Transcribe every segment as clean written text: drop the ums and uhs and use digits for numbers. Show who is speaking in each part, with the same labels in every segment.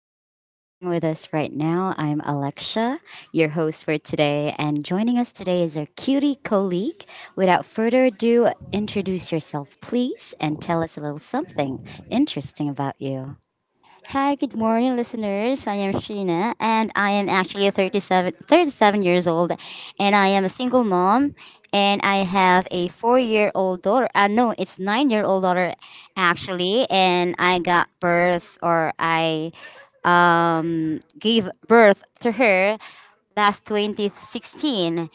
Speaker 1: those who's listening with us right now, I'm Alexia, your host for today, and joining us today is our cutie colleague. Without further ado, introduce yourself, please, and tell us a little something interesting about you.
Speaker 2: Hi, good morning, listeners. I am Sheena, and I am actually thirty-seven years old, and I am a single mom, and I have a four-year-old daughter. No, it's nine-year-old daughter, actually, and I got birth, or I gave birth to her last 2016.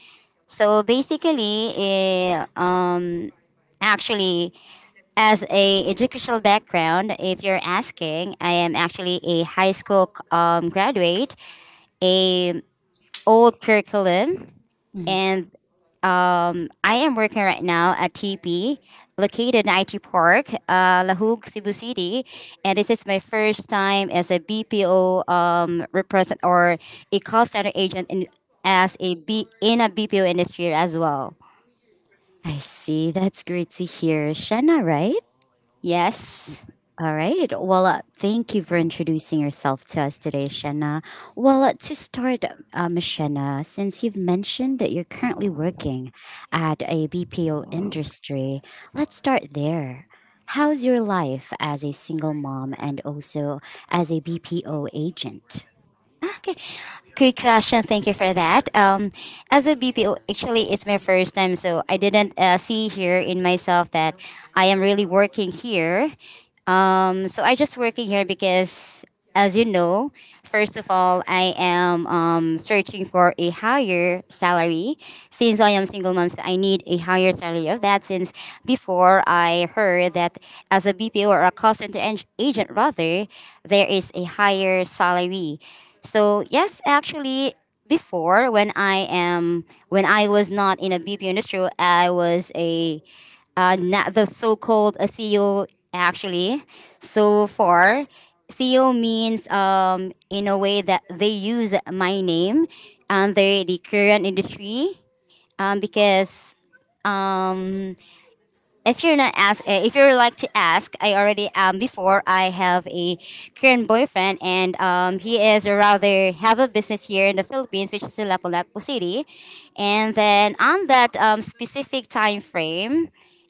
Speaker 2: So basically, actually, as a educational background, if you're asking, I am actually a high school graduate, a old curriculum,
Speaker 1: Mm.
Speaker 2: and I am working right now at TP, located in IT Park, Lahug, Cebu City, and this is my first time as a BPO represent or a call center agent in as a B in a BPO industry as well.
Speaker 1: I see. That's great to hear. Shanna, right?
Speaker 2: Yes.
Speaker 1: All right. Well, thank you for introducing yourself to us today, Shanna. Well, to start, Miss Shanna, since you've mentioned that you're currently working at a BPO industry, let's start there. How's your life as a single mom and also as a BPO agent?
Speaker 2: Ah, okay. Quick question. Thank you for that. As a BPO, actually, it's my first time, so I didn't see here in myself that I am really working here. So I just working here because, as you know, first of all, I am searching for a higher salary. Since I am single mom, so I need a higher salary of that. Since before I heard that as a BPO or a call center agent, rather, there is a higher salary. So yes, actually, before when I was not in a BPO industry, I was a not the so-called CEO, actually. So far, CEO means in a way that they use my name under the current industry, because um, if you're not ask if you're like to ask, I already, before I have a Korean boyfriend, and he is rather have a business here in the Philippines, which is in Lapu-Lapu City. And then on that specific time frame,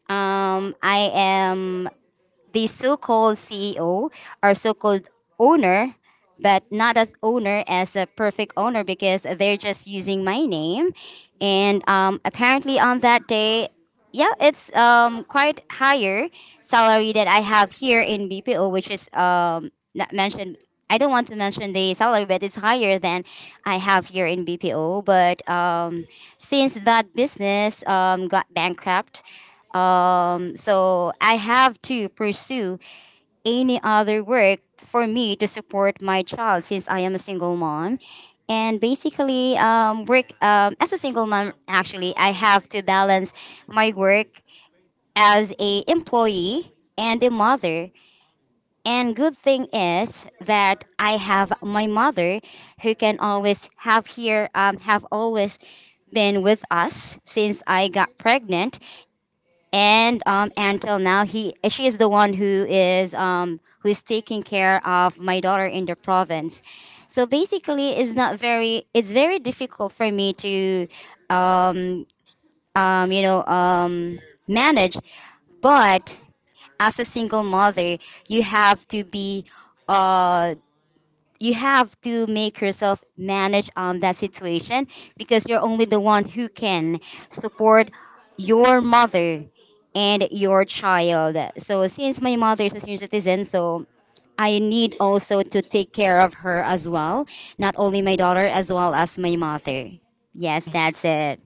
Speaker 2: I am the so-called CEO or so-called owner, but not as owner as a perfect owner because they're just using my name. And apparently on that day, yeah, it's quite higher salary that I have here in BPO, which is not mentioned. I don't want to mention the salary, but it's higher than I have here in BPO. But since that business got bankrupt, so I have to pursue any other work for me to support my child since I am a single mom. And basically, work as a single mom. Actually, I have to balance my work as a employee and a mother. And good thing is that I have my mother who can always have here have always been with us since I got pregnant, and until now he she is the one who is taking care of my daughter in the province. So basically it's not very it's very difficult for me to um, um, you know um, manage, but as a single mother, you have to be uh, you have to make yourself manage on that situation because you're only the one who can support your mother and your child. So since my mother is a senior citizen, so I need also to take care of her as well, not only my daughter as well as my mother. Yes,
Speaker 1: I,
Speaker 2: that's
Speaker 1: s-
Speaker 2: it.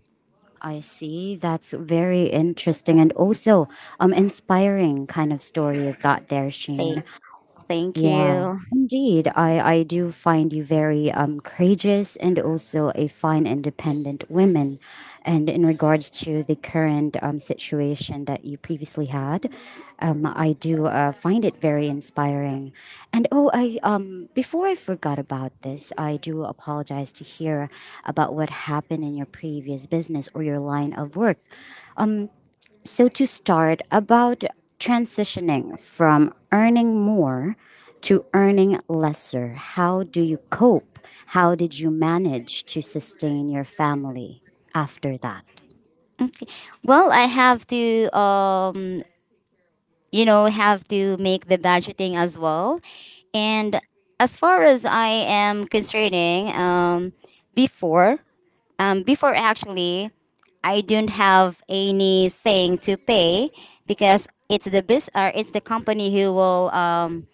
Speaker 1: I see. That's very interesting and also inspiring kind of story you've got there,
Speaker 2: Thank,
Speaker 1: Shane.
Speaker 2: thank
Speaker 1: Yeah,
Speaker 2: you.
Speaker 1: indeed. I do find you very courageous and also a fine independent woman. And in regards to the current situation that you previously had, I do find it very inspiring. And oh, I before I forgot about this, I do apologize to hear about what happened in your previous business or your line of work. So, to start, about transitioning from earning more to earning lesser, how do you cope? How did you manage to sustain your family after that?
Speaker 2: Okay. Well, I have to have to make the budgeting as well, and as far as I am concerning, before before actually I don't have anything to pay because it's the company who will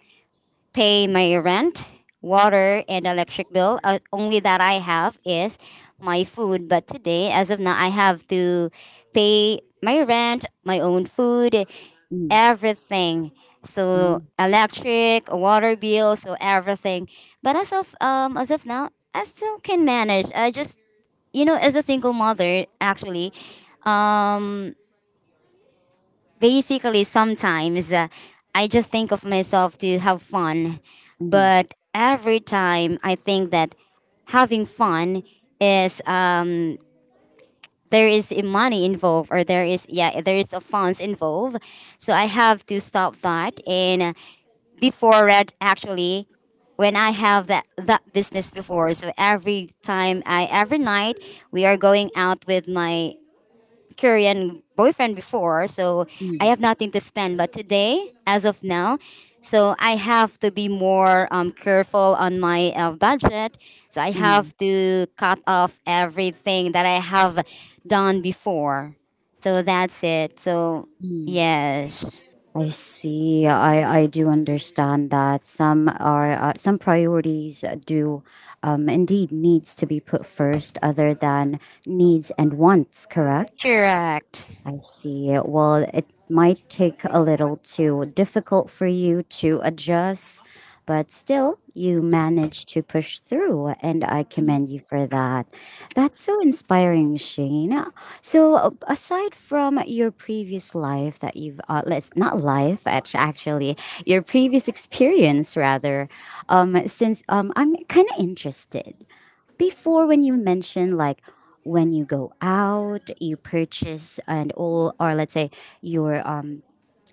Speaker 2: pay my rent, water, and electric bill. Only that I have is my food. But today, as of now, I have to pay my rent, my own food,
Speaker 1: Mm,
Speaker 2: everything.
Speaker 1: mm,
Speaker 2: So electric, water bill, so everything. But as of now, I still can manage. I just, you know, as a single mother, actually, um, basically sometimes I just think of myself to have fun,
Speaker 1: mm,
Speaker 2: but every time I think that having fun is there is money involved, or there is, yeah, there is a funds involved, so I have to stop that. And before that, actually, when I have that business before, so every time I, every night, we are going out with my Korean boyfriend before, so I have
Speaker 1: mm,
Speaker 2: nothing to spend. But today, as of now, so I have to be more careful on my budget. So I
Speaker 1: mm,
Speaker 2: have to cut off everything that I have done before. So that's it. So,
Speaker 1: mm.
Speaker 2: yes.
Speaker 1: I see. I do understand that some priorities do indeed needs to be put first other than needs and wants. Correct.
Speaker 2: Correct.
Speaker 1: I see. Well, it might take a little too difficult for you to adjust, but still, you managed to push through, and I commend you for that. That's so inspiring, Shane. So, aside from your previous life that you've, let's not life, actually, your previous experience rather, since I'm kind of interested before when you mentioned like when you go out you purchase and all, or let's say your um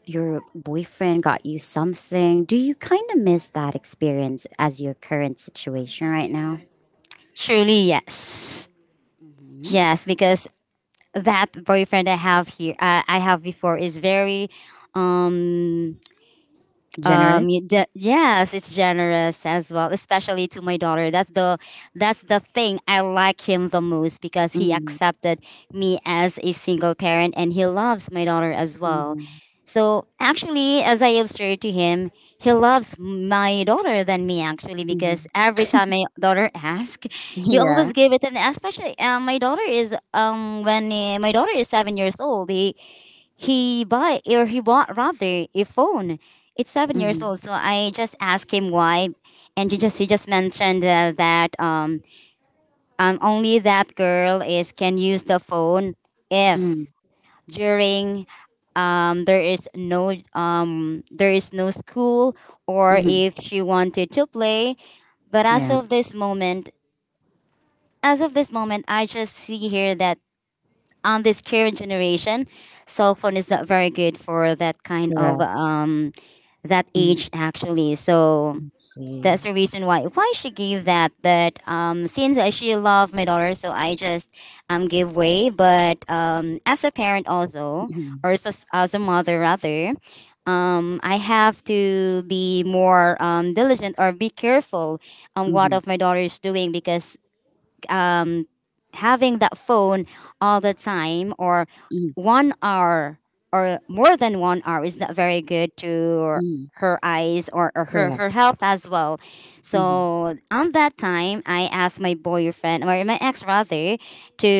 Speaker 1: your boyfriend got you something, do you kind of miss that experience as your current situation right now?
Speaker 2: Truly, yes. Yes, because that boyfriend I have here, I have before, is very um you
Speaker 1: Generous.
Speaker 2: yes, it's generous as well, especially to my daughter. That's the thing I like him the most because he
Speaker 1: Mm,
Speaker 2: accepted me as a single parent, and he loves my daughter as well.
Speaker 1: mhm,
Speaker 2: So actually, as I observed to him, he loves my daughter than me, actually, because
Speaker 1: mhm.
Speaker 2: every time my daughter asks, he
Speaker 1: Yeah.
Speaker 2: always give it. And especially my daughter is when my daughter is 7 years old, he buy or he bought rather a phone. It's seven
Speaker 1: Mm-hmm,
Speaker 2: years old, so I just asked him why, and he just mentioned that only that girl is can use the phone
Speaker 1: mm,
Speaker 2: if during there is no school, or
Speaker 1: hmm.
Speaker 2: if she wanted to play. But as
Speaker 1: Yeah.
Speaker 2: of this moment, as of this moment, I just see here that on this current generation, cell phone is not very good for that kind of
Speaker 1: Correct.
Speaker 2: that
Speaker 1: Mm,
Speaker 2: age, actually. So
Speaker 1: I see.
Speaker 2: that's the reason why she gave that. But since she loved my daughter, so I just gave way. But as a parent also,
Speaker 1: Mhm,
Speaker 2: or as as a mother rather, I have to be more diligent or be careful on what
Speaker 1: mhm,
Speaker 2: of my daughter is doing, because um, having that phone all the time, or
Speaker 1: mm,
Speaker 2: 1 hour or more than 1 hour, is not very good to
Speaker 1: mm.
Speaker 2: her eyes, or her,
Speaker 1: Correct.
Speaker 2: her health as well.
Speaker 1: Mm-hmm,
Speaker 2: So on that time, I asked my boyfriend, or my ex rather,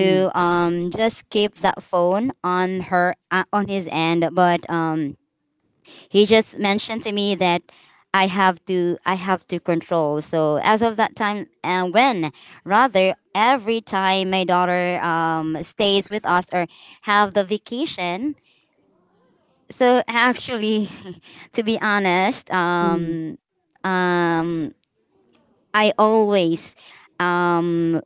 Speaker 1: mm,
Speaker 2: just keep that phone on her on his end, but he just mentioned to me that I have to control. So as of that time, and when rather every time my daughter stays with us or have the vacation. So actually, to be honest,
Speaker 1: mm,
Speaker 2: um, I always um,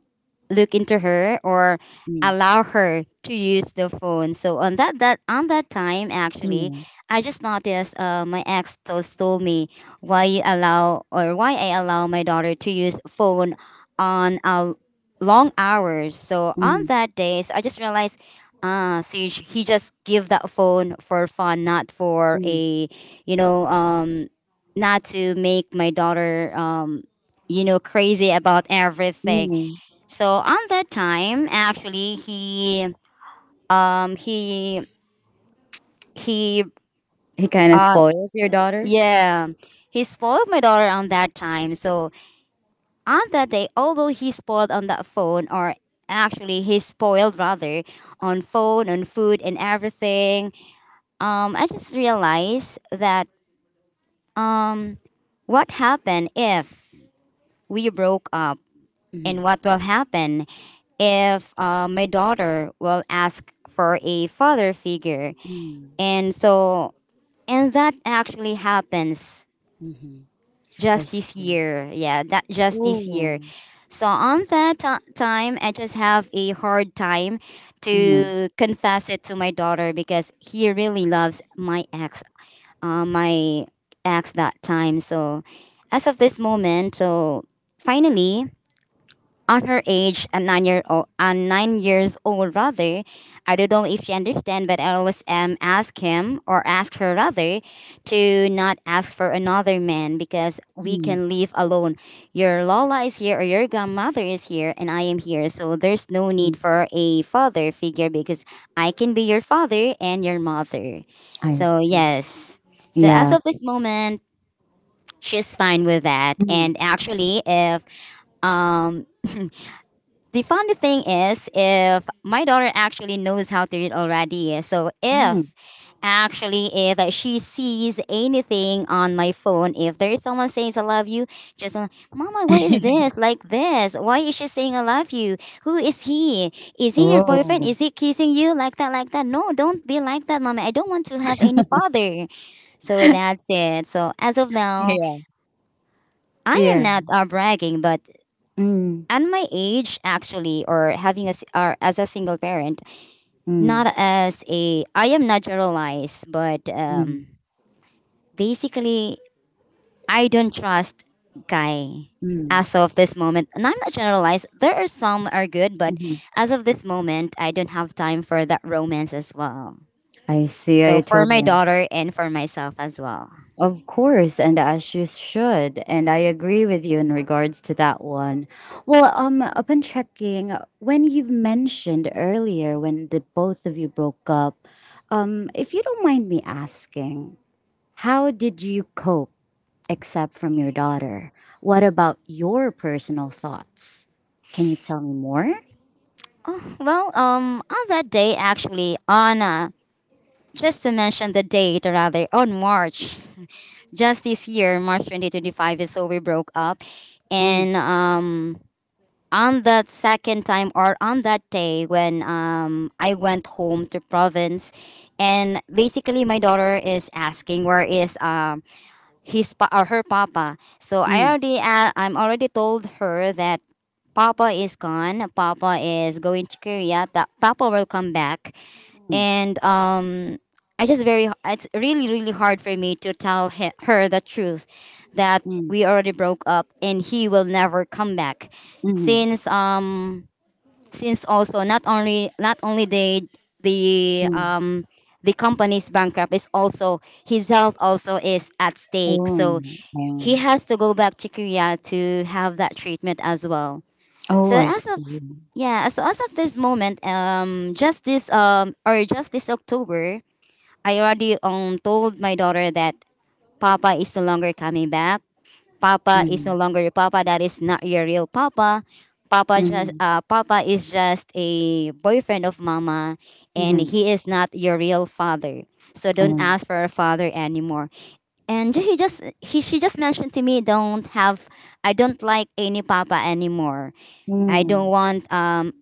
Speaker 2: look into her or
Speaker 1: mm,
Speaker 2: allow her to use the phone. So on that time actually,
Speaker 1: yeah,
Speaker 2: I just noticed my ex told me why you allow, or why I allow my daughter to use phone on long hours. So on
Speaker 1: mm,
Speaker 2: that days, I just realized ah, so you, he just give that phone for fun, not for
Speaker 1: mm,
Speaker 2: a you know not to make my daughter crazy about everything.
Speaker 1: mm.
Speaker 2: So on that time, actually, um he he
Speaker 1: He kind of
Speaker 2: uh
Speaker 1: spoils your daughter?
Speaker 2: yeah, he spoiled my daughter on that time. So on that day, although he spoiled on that phone, or actually he spoiled rather on phone, on food, and everything, I just realized that um, what happened if we broke up, and
Speaker 1: Mhm.
Speaker 2: what will happen if my daughter will ask for a father figure.
Speaker 1: Mm,
Speaker 2: And so, and that actually happens
Speaker 1: mhm. I
Speaker 2: just this
Speaker 1: see.
Speaker 2: year. Yeah, that just this year.
Speaker 1: Ooh.
Speaker 2: So on time, I just have a hard time
Speaker 1: Mhm,
Speaker 2: to confess it to my daughter because he really loves my ex, my ex that time. So as of this moment, so finally on her age at 9 year old, and 9 years old rather. I don't know if she understand, but I always um, ask him, or ask her rather, to not ask for another man because we
Speaker 1: mm,
Speaker 2: can live alone. Your Lola is here, or your grandmother is here, and I am here. So there's no need
Speaker 1: mm.
Speaker 2: for a father figure because I can be your father and your mother.
Speaker 1: I
Speaker 2: So
Speaker 1: see.
Speaker 2: yes. So as
Speaker 1: Yeah.
Speaker 2: of this moment, she's fine with that.
Speaker 1: Mm,
Speaker 2: And actually if um the funny thing is, if my daughter actually knows how to read already, so
Speaker 1: mm.
Speaker 2: if actually, if she sees anything on my phone, if there is someone saying "I love you," just mama, what is this? Like this, why is she saying "I love you"? Who is he? Is he your boyfriend?
Speaker 1: Oh.
Speaker 2: Is he kissing you? Like that, no, don't be like that, mommy. I don't want to have any father. So that's it. So as of now,
Speaker 1: Yeah.
Speaker 2: I am
Speaker 1: Yeah.
Speaker 2: not bragging, but
Speaker 1: Mm,
Speaker 2: and my age, actually, or having as a single parent,
Speaker 1: mm,
Speaker 2: not as a, I am naturalized, but
Speaker 1: hmm.
Speaker 2: basically, I don't trust guy
Speaker 1: Mm,
Speaker 2: as of this moment. And I'm not generalized, there are some are good, but
Speaker 1: mhm.
Speaker 2: as of this moment, I don't have time for that romance as well.
Speaker 1: I see. I
Speaker 2: So for my
Speaker 1: totally...
Speaker 2: daughter and for myself as well.
Speaker 1: Of course, and as you should, and I agree with you in regards to that one. Well, upon checking, when you've mentioned earlier when the both of you broke up, if you don't mind me asking, how did you cope except from your daughter? What about your personal thoughts? Can you tell me more?
Speaker 2: Oh, well, on that day, actually, on just to mention the date, or rather, on March, just this year, March 2025, is so we broke up.
Speaker 1: Mm,
Speaker 2: And on that second time or on that day when I went home to province, and basically, my daughter is asking, where is his pa- or her papa? So I
Speaker 1: mm,
Speaker 2: already I'm already told her that Papa is gone. Papa is going to Korea. Papa will come back.
Speaker 1: mm,
Speaker 2: And I just very it's really really hard for me to tell her the truth, that
Speaker 1: mm,
Speaker 2: we already broke up and he will never come back,
Speaker 1: mm,
Speaker 2: since
Speaker 1: mm.
Speaker 2: also, not only the
Speaker 1: Oh,
Speaker 2: um the company's bankrupt, is also his health also is at stake. So he
Speaker 1: yeah.
Speaker 2: has to go back to Korea to have that treatment as well.
Speaker 1: Oh,
Speaker 2: So
Speaker 1: I
Speaker 2: as of
Speaker 1: see.
Speaker 2: yeah, so as of this moment, just this October, I already told my daughter that Papa is no longer coming back. Papa is
Speaker 1: Mm,
Speaker 2: no longer your Papa. That is not your real Papa. Papa just
Speaker 1: hmm.
Speaker 2: Papa is just a boyfriend of Mama, and
Speaker 1: Mhm.
Speaker 2: he is not your real father. So don't
Speaker 1: Mm.
Speaker 2: ask for a father anymore. And he just he she just mentioned to me, don't have I don't like any papa anymore. I don't
Speaker 1: Mm.
Speaker 2: want um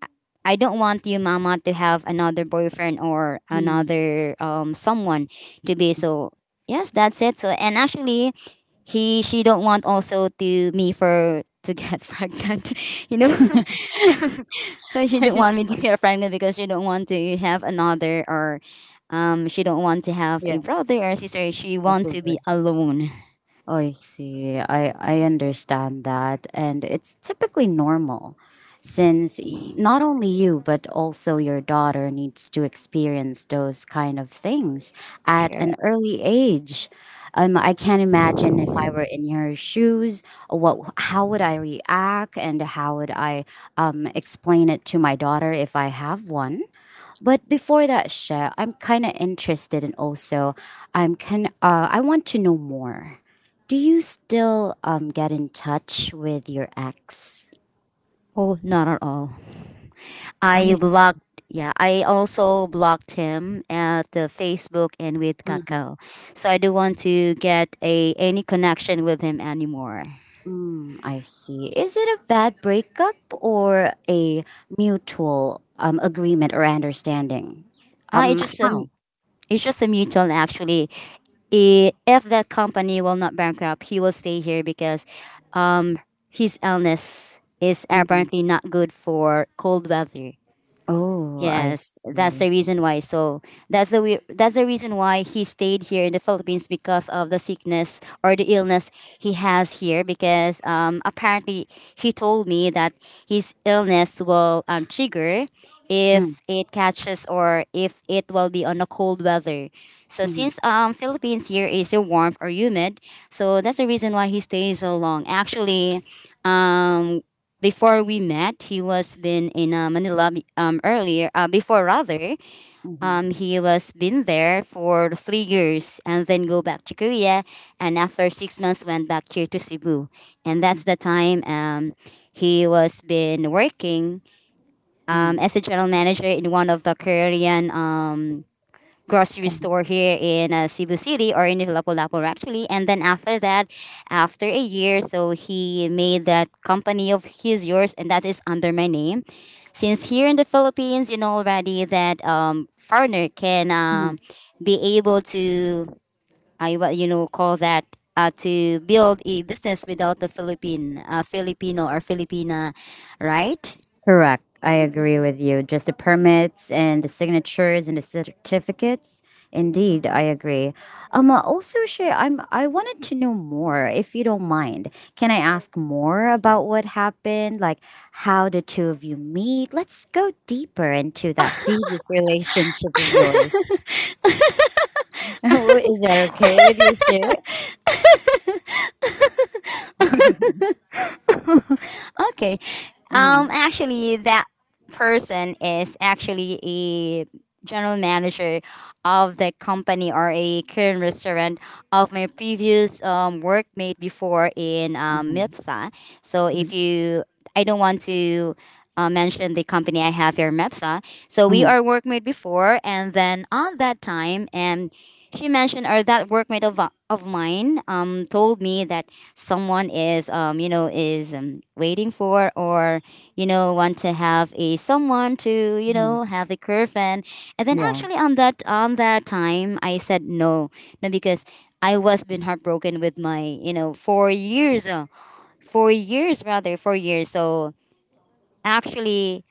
Speaker 2: I don't want you, mama, to have another boyfriend or
Speaker 1: Mm,
Speaker 2: another someone to be. So yes, that's it. So, and actually, he she don't want also to me for to get pregnant, you know so she
Speaker 1: I
Speaker 2: don't want me to
Speaker 1: see.
Speaker 2: get pregnant, because she don't want to have another, or she don't want to have
Speaker 1: Yeah,
Speaker 2: a brother or sister. She
Speaker 1: I
Speaker 2: want
Speaker 1: see.
Speaker 2: to
Speaker 1: That.
Speaker 2: be alone.
Speaker 1: I see. I understand that, and it's typically normal, since not only you but also your daughter needs to experience those kind of things at
Speaker 2: Sure.
Speaker 1: an early age. I can't imagine if I were in your shoes, what how would I react, and how would I explain it to my daughter if I have one. But before that, Chef, I'm kind of interested, and also, I want to know more. Do you still get in touch with your ex?
Speaker 2: Oh, not at all. I
Speaker 1: Yes.
Speaker 2: blocked. Yeah, I also blocked him at the Facebook and with
Speaker 1: Mm,
Speaker 2: Kakao. So I don't want to get a any connection with him anymore.
Speaker 1: mm, I see. Is it a bad breakup or a mutual agreement or understanding?
Speaker 2: Ah, it's
Speaker 1: Um,
Speaker 2: just
Speaker 1: how?
Speaker 2: um, it's just a mutual, actually. If that company will not bankrupt, he will stay here because, um, his illness is
Speaker 1: Mm.
Speaker 2: apparently not good for cold weather.
Speaker 1: Oh, I
Speaker 2: Yes, that's the
Speaker 1: see.
Speaker 2: reason why. So that's the reason why he stayed here in the Philippines because of the sickness or the illness he has here. Because apparently, he told me that his illness will trigger
Speaker 1: Mm,
Speaker 2: if it catches, or if it will be on a cold weather. So
Speaker 1: mm,
Speaker 2: since Philippines here is a warm or humid, so that's the reason why he stays so long. Actually, um before we met, he was been in Manila, earlier. Before, rather,
Speaker 1: mm,
Speaker 2: he was been there for 3 years and then go back to Korea. And after 6 months, went back here to Cebu. And that's the time, he was been working
Speaker 1: mm,
Speaker 2: as a general manager in one of the Korean, grocery store here in Cebu City or in Lapu-Lapu, actually. And then after that, after a year, so he made that company of his, yours, and that is under my name. Since here in the Philippines, you know already that foreigner can
Speaker 1: mm.
Speaker 2: be able to, I what you know call that. To build a business without the Philippine, Filipino or Filipina, right?
Speaker 1: Correct. I agree with you. Just the permits and the signatures and the certificates. Indeed, I agree. Also, Shay, I wanted to know more, if you don't mind. Can I ask more about what happened? Like how the two of you meet? Let's go deeper into that previous relationship of yours. Is that okay with you, Shay?
Speaker 2: Okay.
Speaker 1: Mhm.
Speaker 2: Actually, that person is actually a general manager of the company or a current restaurant of my previous workmate before in
Speaker 1: Mhm.
Speaker 2: Mepsa. So
Speaker 1: Mhm.
Speaker 2: if you, I don't want to mention the company I have here, Mepsa. So we
Speaker 1: Mhm.
Speaker 2: are workmate before, and then on that time, and she mentioned, or that workmate of mine told me that someone is waiting for, or want to have a someone to
Speaker 1: Mhm.
Speaker 2: have a girlfriend. And then
Speaker 1: Yeah.
Speaker 2: actually, on that time, I said no. No, because I was been heartbroken with my 4 years. So actually,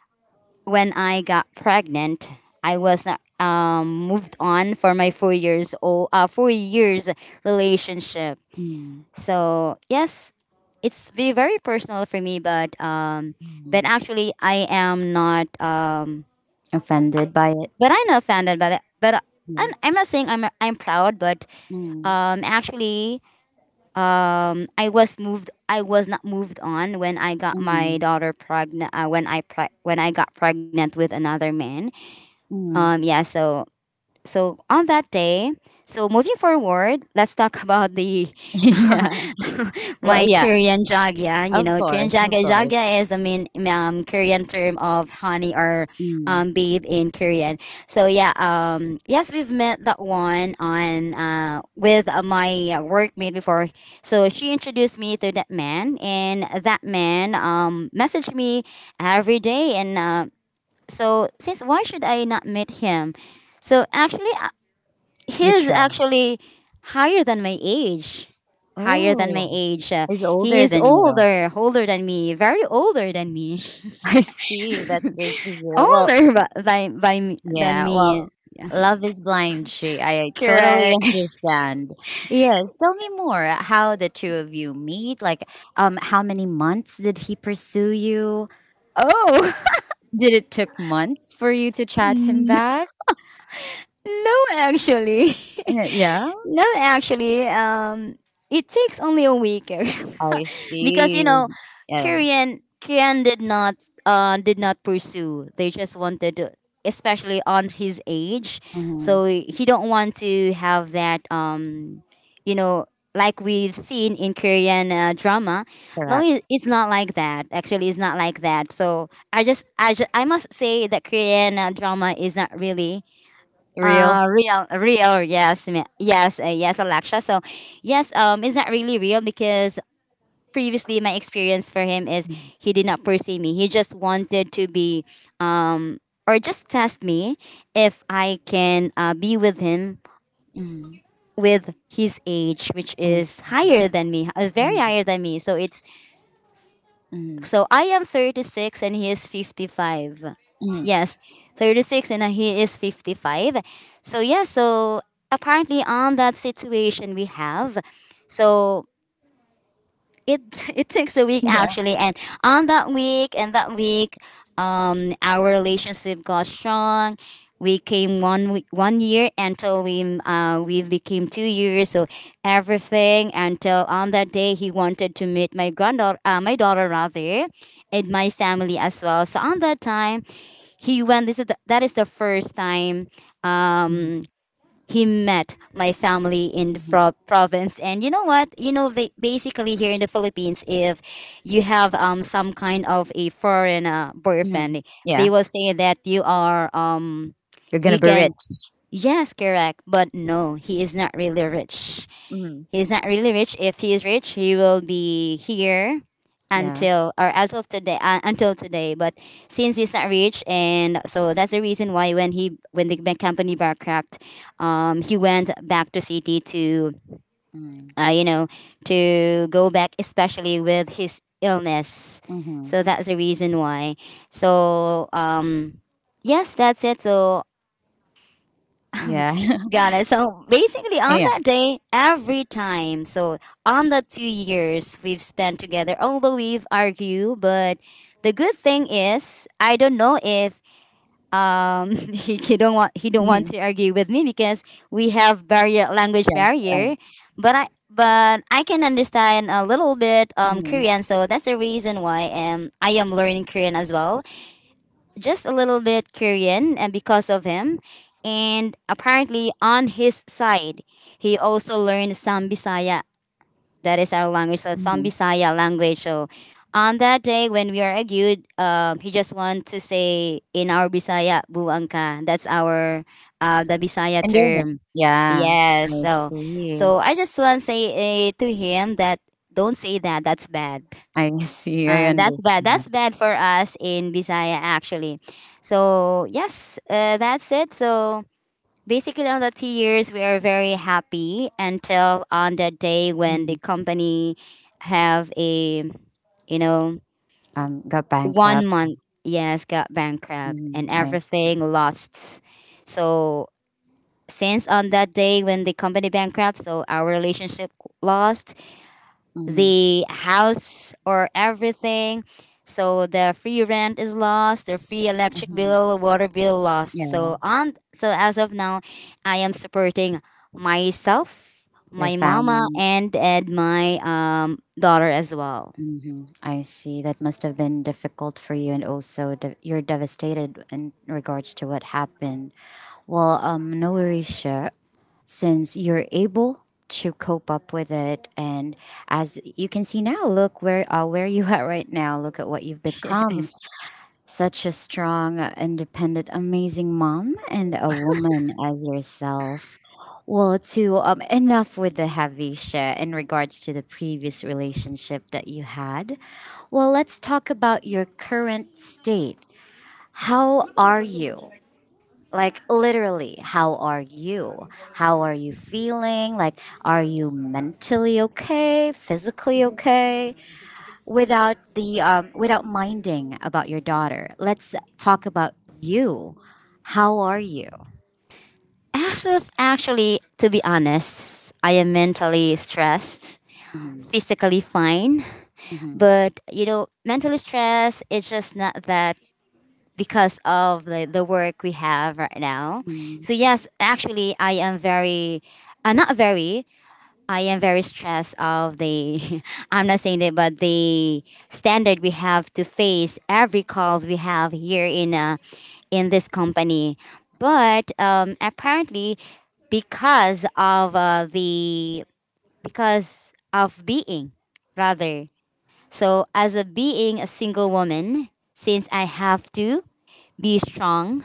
Speaker 2: when I got pregnant, I was not moved on for my 4 years old 4 years relationship.
Speaker 1: Mm.
Speaker 2: So yes, it's be very personal for me, but
Speaker 1: Mm.
Speaker 2: actually,
Speaker 1: Offended by it?
Speaker 2: I'm not offended by that. But
Speaker 1: Yeah.
Speaker 2: I'm not saying I'm proud, but
Speaker 1: Mm.
Speaker 2: actually, I was moved. I was not moved on when I got my
Speaker 1: Mm.
Speaker 2: daughter pregnant. When when I got pregnant with another man.
Speaker 1: Mm.
Speaker 2: Yeah. So on that day, so moving forward, let's talk about the
Speaker 1: Yeah. Well,
Speaker 2: my
Speaker 1: yeah,
Speaker 2: Korean jagya. You
Speaker 1: of
Speaker 2: know, Korean
Speaker 1: course, of
Speaker 2: jagya
Speaker 1: course.
Speaker 2: jagya is the main Korean term of honey, or
Speaker 1: Mm,
Speaker 2: babe in Korean. So yeah, yes, we've met that one on with my workmate before. So she introduced me to that man, and that man messaged me every day. And so since, why should I not meet him? So actually,
Speaker 1: you
Speaker 2: he's
Speaker 1: try.
Speaker 2: actually higher than my age, higher than
Speaker 1: Oh,
Speaker 2: my age uh,
Speaker 1: he's
Speaker 2: he
Speaker 1: older
Speaker 2: is
Speaker 1: than you.
Speaker 2: older than me, very older than me.
Speaker 1: I see. That's great to hear. Well,
Speaker 2: Older than
Speaker 1: yeah, well,
Speaker 2: me.
Speaker 1: love is blind, she. I totally
Speaker 2: Correct.
Speaker 1: understand. Yes, tell me more how the two of you meet. Like, how many months did he pursue you?
Speaker 2: Oh.
Speaker 1: Did it took months for you to chat him
Speaker 2: No,
Speaker 1: back?
Speaker 2: actually.
Speaker 1: Yeah.
Speaker 2: No, actually, it takes only a week,
Speaker 1: I
Speaker 2: because
Speaker 1: see. Yeah.
Speaker 2: Korean did not pursue. They just wanted to, especially on his age,
Speaker 1: Mm-hmm.
Speaker 2: so he don't want to have that you know. Like we've seen in Korean drama, no,
Speaker 1: Correct.
Speaker 2: it's not like that. Actually, it's not like that. So I must say that Korean drama is not really
Speaker 1: Real.
Speaker 2: real, real, yes, yes, Alaksha. So yes, it's not really real? Because previously, my experience for him is he did not pursue me. He just wanted to be, um, or just test me if I can be with him
Speaker 1: Mm-hmm.
Speaker 2: with his age, which is higher than me, very
Speaker 1: Mm,
Speaker 2: higher than me. So it's
Speaker 1: mm,
Speaker 2: So I am 36 and he is 55.
Speaker 1: mm.
Speaker 2: Yes, 36 and he is 55. So yeah, so apparently on that situation we have. So it it takes a week,
Speaker 1: Yeah.
Speaker 2: actually. And on that week our relationship got strong. We came 1 week, 1 year until we became 2 years. So everything until on that day, he wanted to meet my daughter, rather, and my family as well. So on that time, he went this is the, that is the first time
Speaker 1: Mm,
Speaker 2: um he met my family in the
Speaker 1: mhm,
Speaker 2: province. And you know what, basically, here in the Philippines, if you have some kind of a foreign
Speaker 1: mm.
Speaker 2: boyfriend, they
Speaker 1: Yeah.
Speaker 2: will say that you are
Speaker 1: You're gonna
Speaker 2: you
Speaker 1: be
Speaker 2: can
Speaker 1: rich.
Speaker 2: yes, correct. But no, he is not really rich.
Speaker 1: Mm,
Speaker 2: He's not really rich. If he is rich, he will be here
Speaker 1: yeah.
Speaker 2: until or as of today, until today. But since he's not rich, and so that's the reason why when he when the bank company bankrupt, he went back to city to
Speaker 1: Mm,
Speaker 2: uh, you know to go back, especially with his illness.
Speaker 1: mm-hmm.
Speaker 2: So that's the reason why. So yes, that's it. So.
Speaker 1: Yeah.
Speaker 2: Got it. So basically, on
Speaker 1: Yeah.
Speaker 2: that day, every time, so on the 2 years we've spent together, although we've argued, but the good thing is, I don't know if he don't want
Speaker 1: Mhm,
Speaker 2: to argue with me, because we have barrier language
Speaker 1: yeah.
Speaker 2: barrier.
Speaker 1: Um,
Speaker 2: But I but I can understand a little bit
Speaker 1: mhm,
Speaker 2: Korean, so that's the reason why I am learning Korean as well, just a little bit Korean, and because of him. And apparently on his side, he also learned some Bisaya. That is our language. So some
Speaker 1: mhm.
Speaker 2: Bisaya language. So on that day when we are argued, he just want to say in our Bisaya, "buangka." That's our the Bisaya
Speaker 1: Endowment.
Speaker 2: term.
Speaker 1: Yeah.
Speaker 2: Yes.
Speaker 1: I
Speaker 2: So
Speaker 1: see.
Speaker 2: so I just want to say to him that, don't say that. That's bad.
Speaker 1: I see. I
Speaker 2: That's bad.
Speaker 1: understand.
Speaker 2: That's bad for us in Bisaya, actually. So yes, that's it. So, basically, on the 2 years, we are very happy until on the day when the
Speaker 1: Mm.
Speaker 2: company have a, you know,
Speaker 1: Got
Speaker 2: one
Speaker 1: bankrupt.
Speaker 2: month, yes, got bankrupt
Speaker 1: Mm,
Speaker 2: and
Speaker 1: I see.
Speaker 2: everything lost. So, since on that day when the company bankrupt, so our relationship lost,
Speaker 1: Mm,
Speaker 2: the house, or everything. So the free rent is lost, their free electric bill,
Speaker 1: mhm.
Speaker 2: water bill lost.
Speaker 1: Yeah.
Speaker 2: So as of now, I am supporting myself,
Speaker 1: Your
Speaker 2: my mama,
Speaker 1: family.
Speaker 2: and my daughter as well.
Speaker 1: Mm-hmm. I see. That must have been difficult for you, and also you're devastated in regards to what happened. Well, no worries, sure. Since you're able to cope up with it, and as you can see now, look where you are right now. Look at what you've become.
Speaker 2: Yes.
Speaker 1: Such a strong, independent, amazing mom and a woman as yourself. Well, to enough with the heavy share in regards to the previous relationship that you had. Well, let's talk about your current state. How are you? Like literally, how are you? How are you feeling? Like, are you mentally okay? Physically okay? Without the without minding about your daughter, let's talk about you. How are you?
Speaker 2: As of actually, to be honest, I am mentally stressed,
Speaker 1: Hmm.
Speaker 2: physically fine, but mentally stressed. It's just not that because of the work we have right now. So
Speaker 1: Hmm.
Speaker 2: yes, actually I am very not very I am very stressed of the I'm not saying that but the standard we have to face every calls we have here in this company. But apparently because of the because of being rather, so as a being a single woman, since I have to be strong,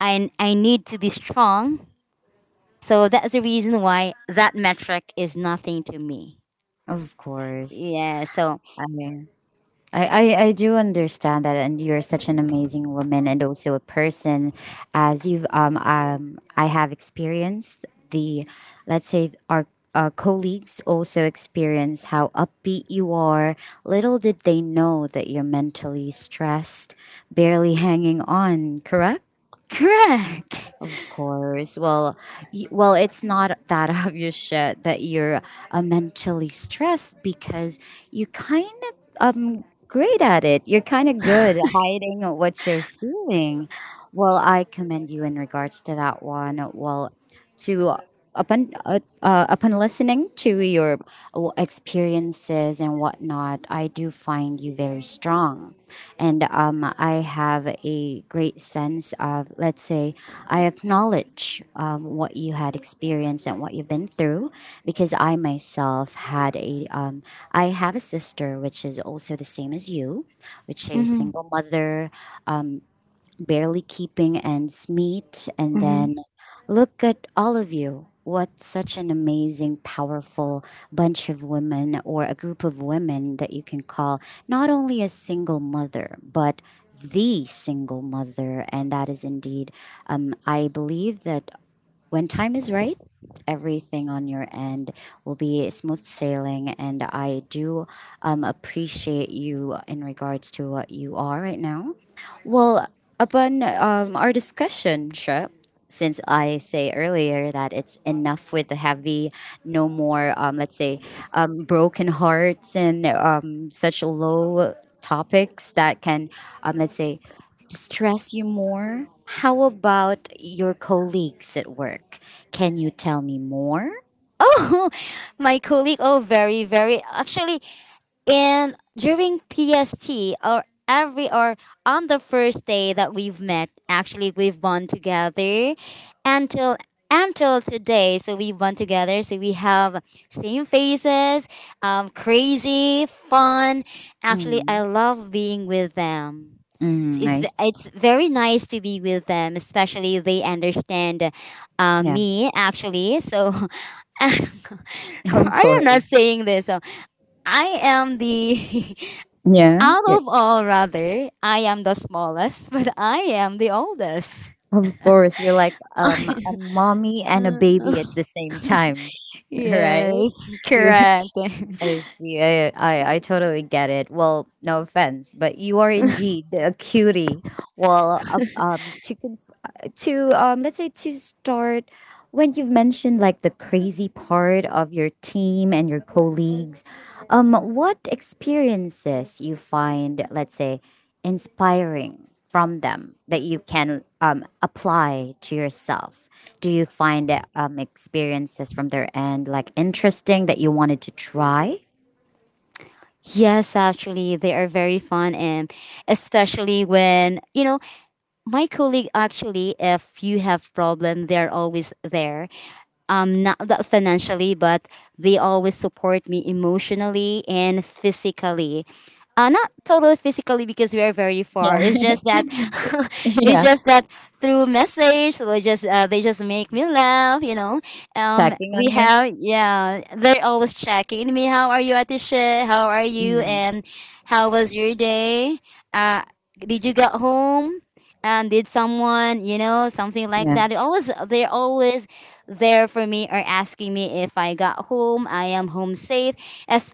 Speaker 2: I need to be strong. So that's the reason why that metric is nothing to me.
Speaker 1: Of course.
Speaker 2: Yeah, so
Speaker 1: I mean, I, I do understand that, and you're such an amazing woman and also a person. As you I have experienced the, let's say, our colleagues also experience how upbeat you are. Little did they know that you're mentally stressed, barely hanging on. Correct.
Speaker 2: correct.
Speaker 1: Of course. Well, well, it's not that obvious yet that you're mentally stressed because you kind of great at it. You're kind of good at hiding what you're feeling. Well, I commend you in regards to that one. Well, to upon upon listening to your experiences and whatnot, I do find you very strong, and I have a great sense of, let's say, I acknowledge what you had experienced and what you've been through, because I have a sister which is also the same as you, which is a
Speaker 2: Hmm.
Speaker 1: single mother. Um, barely keeping ends meet. And then look at all of you. What such an amazing, powerful bunch of women or a group of women that you can call not only a single mother, but the single mother. And that is indeed, I believe that when time is right, everything on your end will be smooth sailing, and I do appreciate you in regards to what you are right now. Well, upon our discussion, Shep, since I say earlier that it's enough with the heavy, no more, let's say, broken hearts and such low topics that can, let's say, distress you more. How about your colleagues at work? Can you tell me more?
Speaker 2: Oh, my colleague. Oh, very, very. Actually, and during PST or on the first day that we've met, actually we've bond together until until today. So we bond together. So we have same faces, crazy, fun. Actually,
Speaker 1: Mm.
Speaker 2: I love being with them.
Speaker 1: Mm,
Speaker 2: It's,
Speaker 1: nice.
Speaker 2: it's very nice to be with them, especially they understand
Speaker 1: Yeah,
Speaker 2: me actually. So, so
Speaker 1: of
Speaker 2: I am not
Speaker 1: course.
Speaker 2: saying this. So I am the
Speaker 1: Yeah.
Speaker 2: out of all rather, I am the smallest, but I am the oldest.
Speaker 1: Of course, you're like a
Speaker 2: I
Speaker 1: mommy and a
Speaker 2: don't know.
Speaker 1: baby at the same time, right?
Speaker 2: Yes,
Speaker 1: You,
Speaker 2: correct.
Speaker 1: I see. I totally get it. Well, no offense, but you are indeed a cutie. Well, to to let's say, to start when you've mentioned like the crazy part of your team and your colleagues, what experiences you find, let's say, inspiring from them that you can apply to yourself? Do you find that, experiences from their end like interesting that you wanted to try?
Speaker 2: Yes, actually they are very fun, and especially when, you know, my colleague actually if you have problem they're always there, um, not that financially, but they always support me emotionally and physically. Uh, not totally physically because we are very
Speaker 1: Yeah,
Speaker 2: far, it's just that it's
Speaker 1: yeah,
Speaker 2: just that through message. So they just make me laugh, you know. Um,
Speaker 1: checking
Speaker 2: we
Speaker 1: on you.
Speaker 2: have, yeah, they're always checking me, how are you Atisha, how are you,
Speaker 1: Mm.
Speaker 2: and how was your day, uh, did you get home, and did someone, you know, something like
Speaker 1: Yeah.
Speaker 2: that. It always, they're always there for me, or asking me if I got home, I am home safe,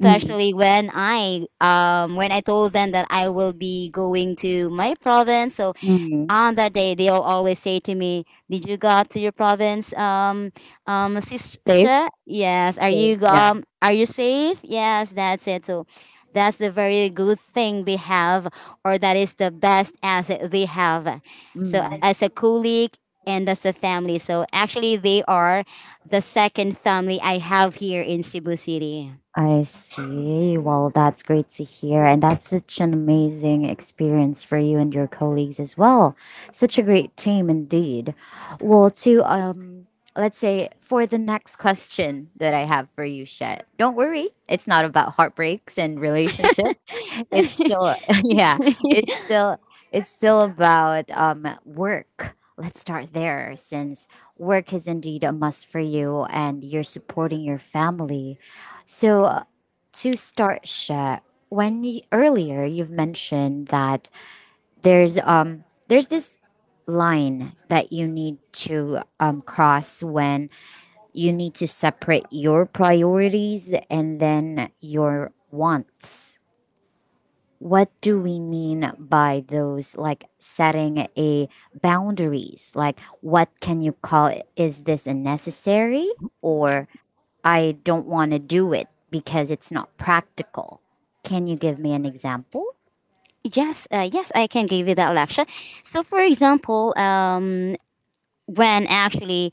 Speaker 1: Mm.
Speaker 2: when I, when I told them that I will be going to my province. So
Speaker 1: Mm.
Speaker 2: on that day they'll always say to me, did you go to your province, um, um,
Speaker 1: Safe.
Speaker 2: sister, yes, are you
Speaker 1: Safe. Yeah.
Speaker 2: are you safe, yes, that's it. So that's the very good thing they have, or that is the best asset they have. So
Speaker 1: Mm.
Speaker 2: as a colleague and as a family, so actually they are the second family I have here in Cebu City.
Speaker 1: I see. Well, that's great to hear. And that's such an amazing experience for you and your colleagues as well. Such a great team indeed. Well, to, let's say, for the next question that I have for you, Shet, don't worry. It's not about heartbreaks and relationship. It's still, yeah, it's still, it's still about work. Let's start there, since work is indeed a must for you and you're supporting your family. So, to start, Sha, when you, earlier you've mentioned that there's this line that you need to cross when you need to separate your priorities and then your wants. What do we mean by those? Like setting a boundaries, like what can you call it? Is this a necessary, or I don't want to do it because it's not practical? Can you give me an example?
Speaker 2: Yes, yes, I can give you that lecture. So, for example, when actually,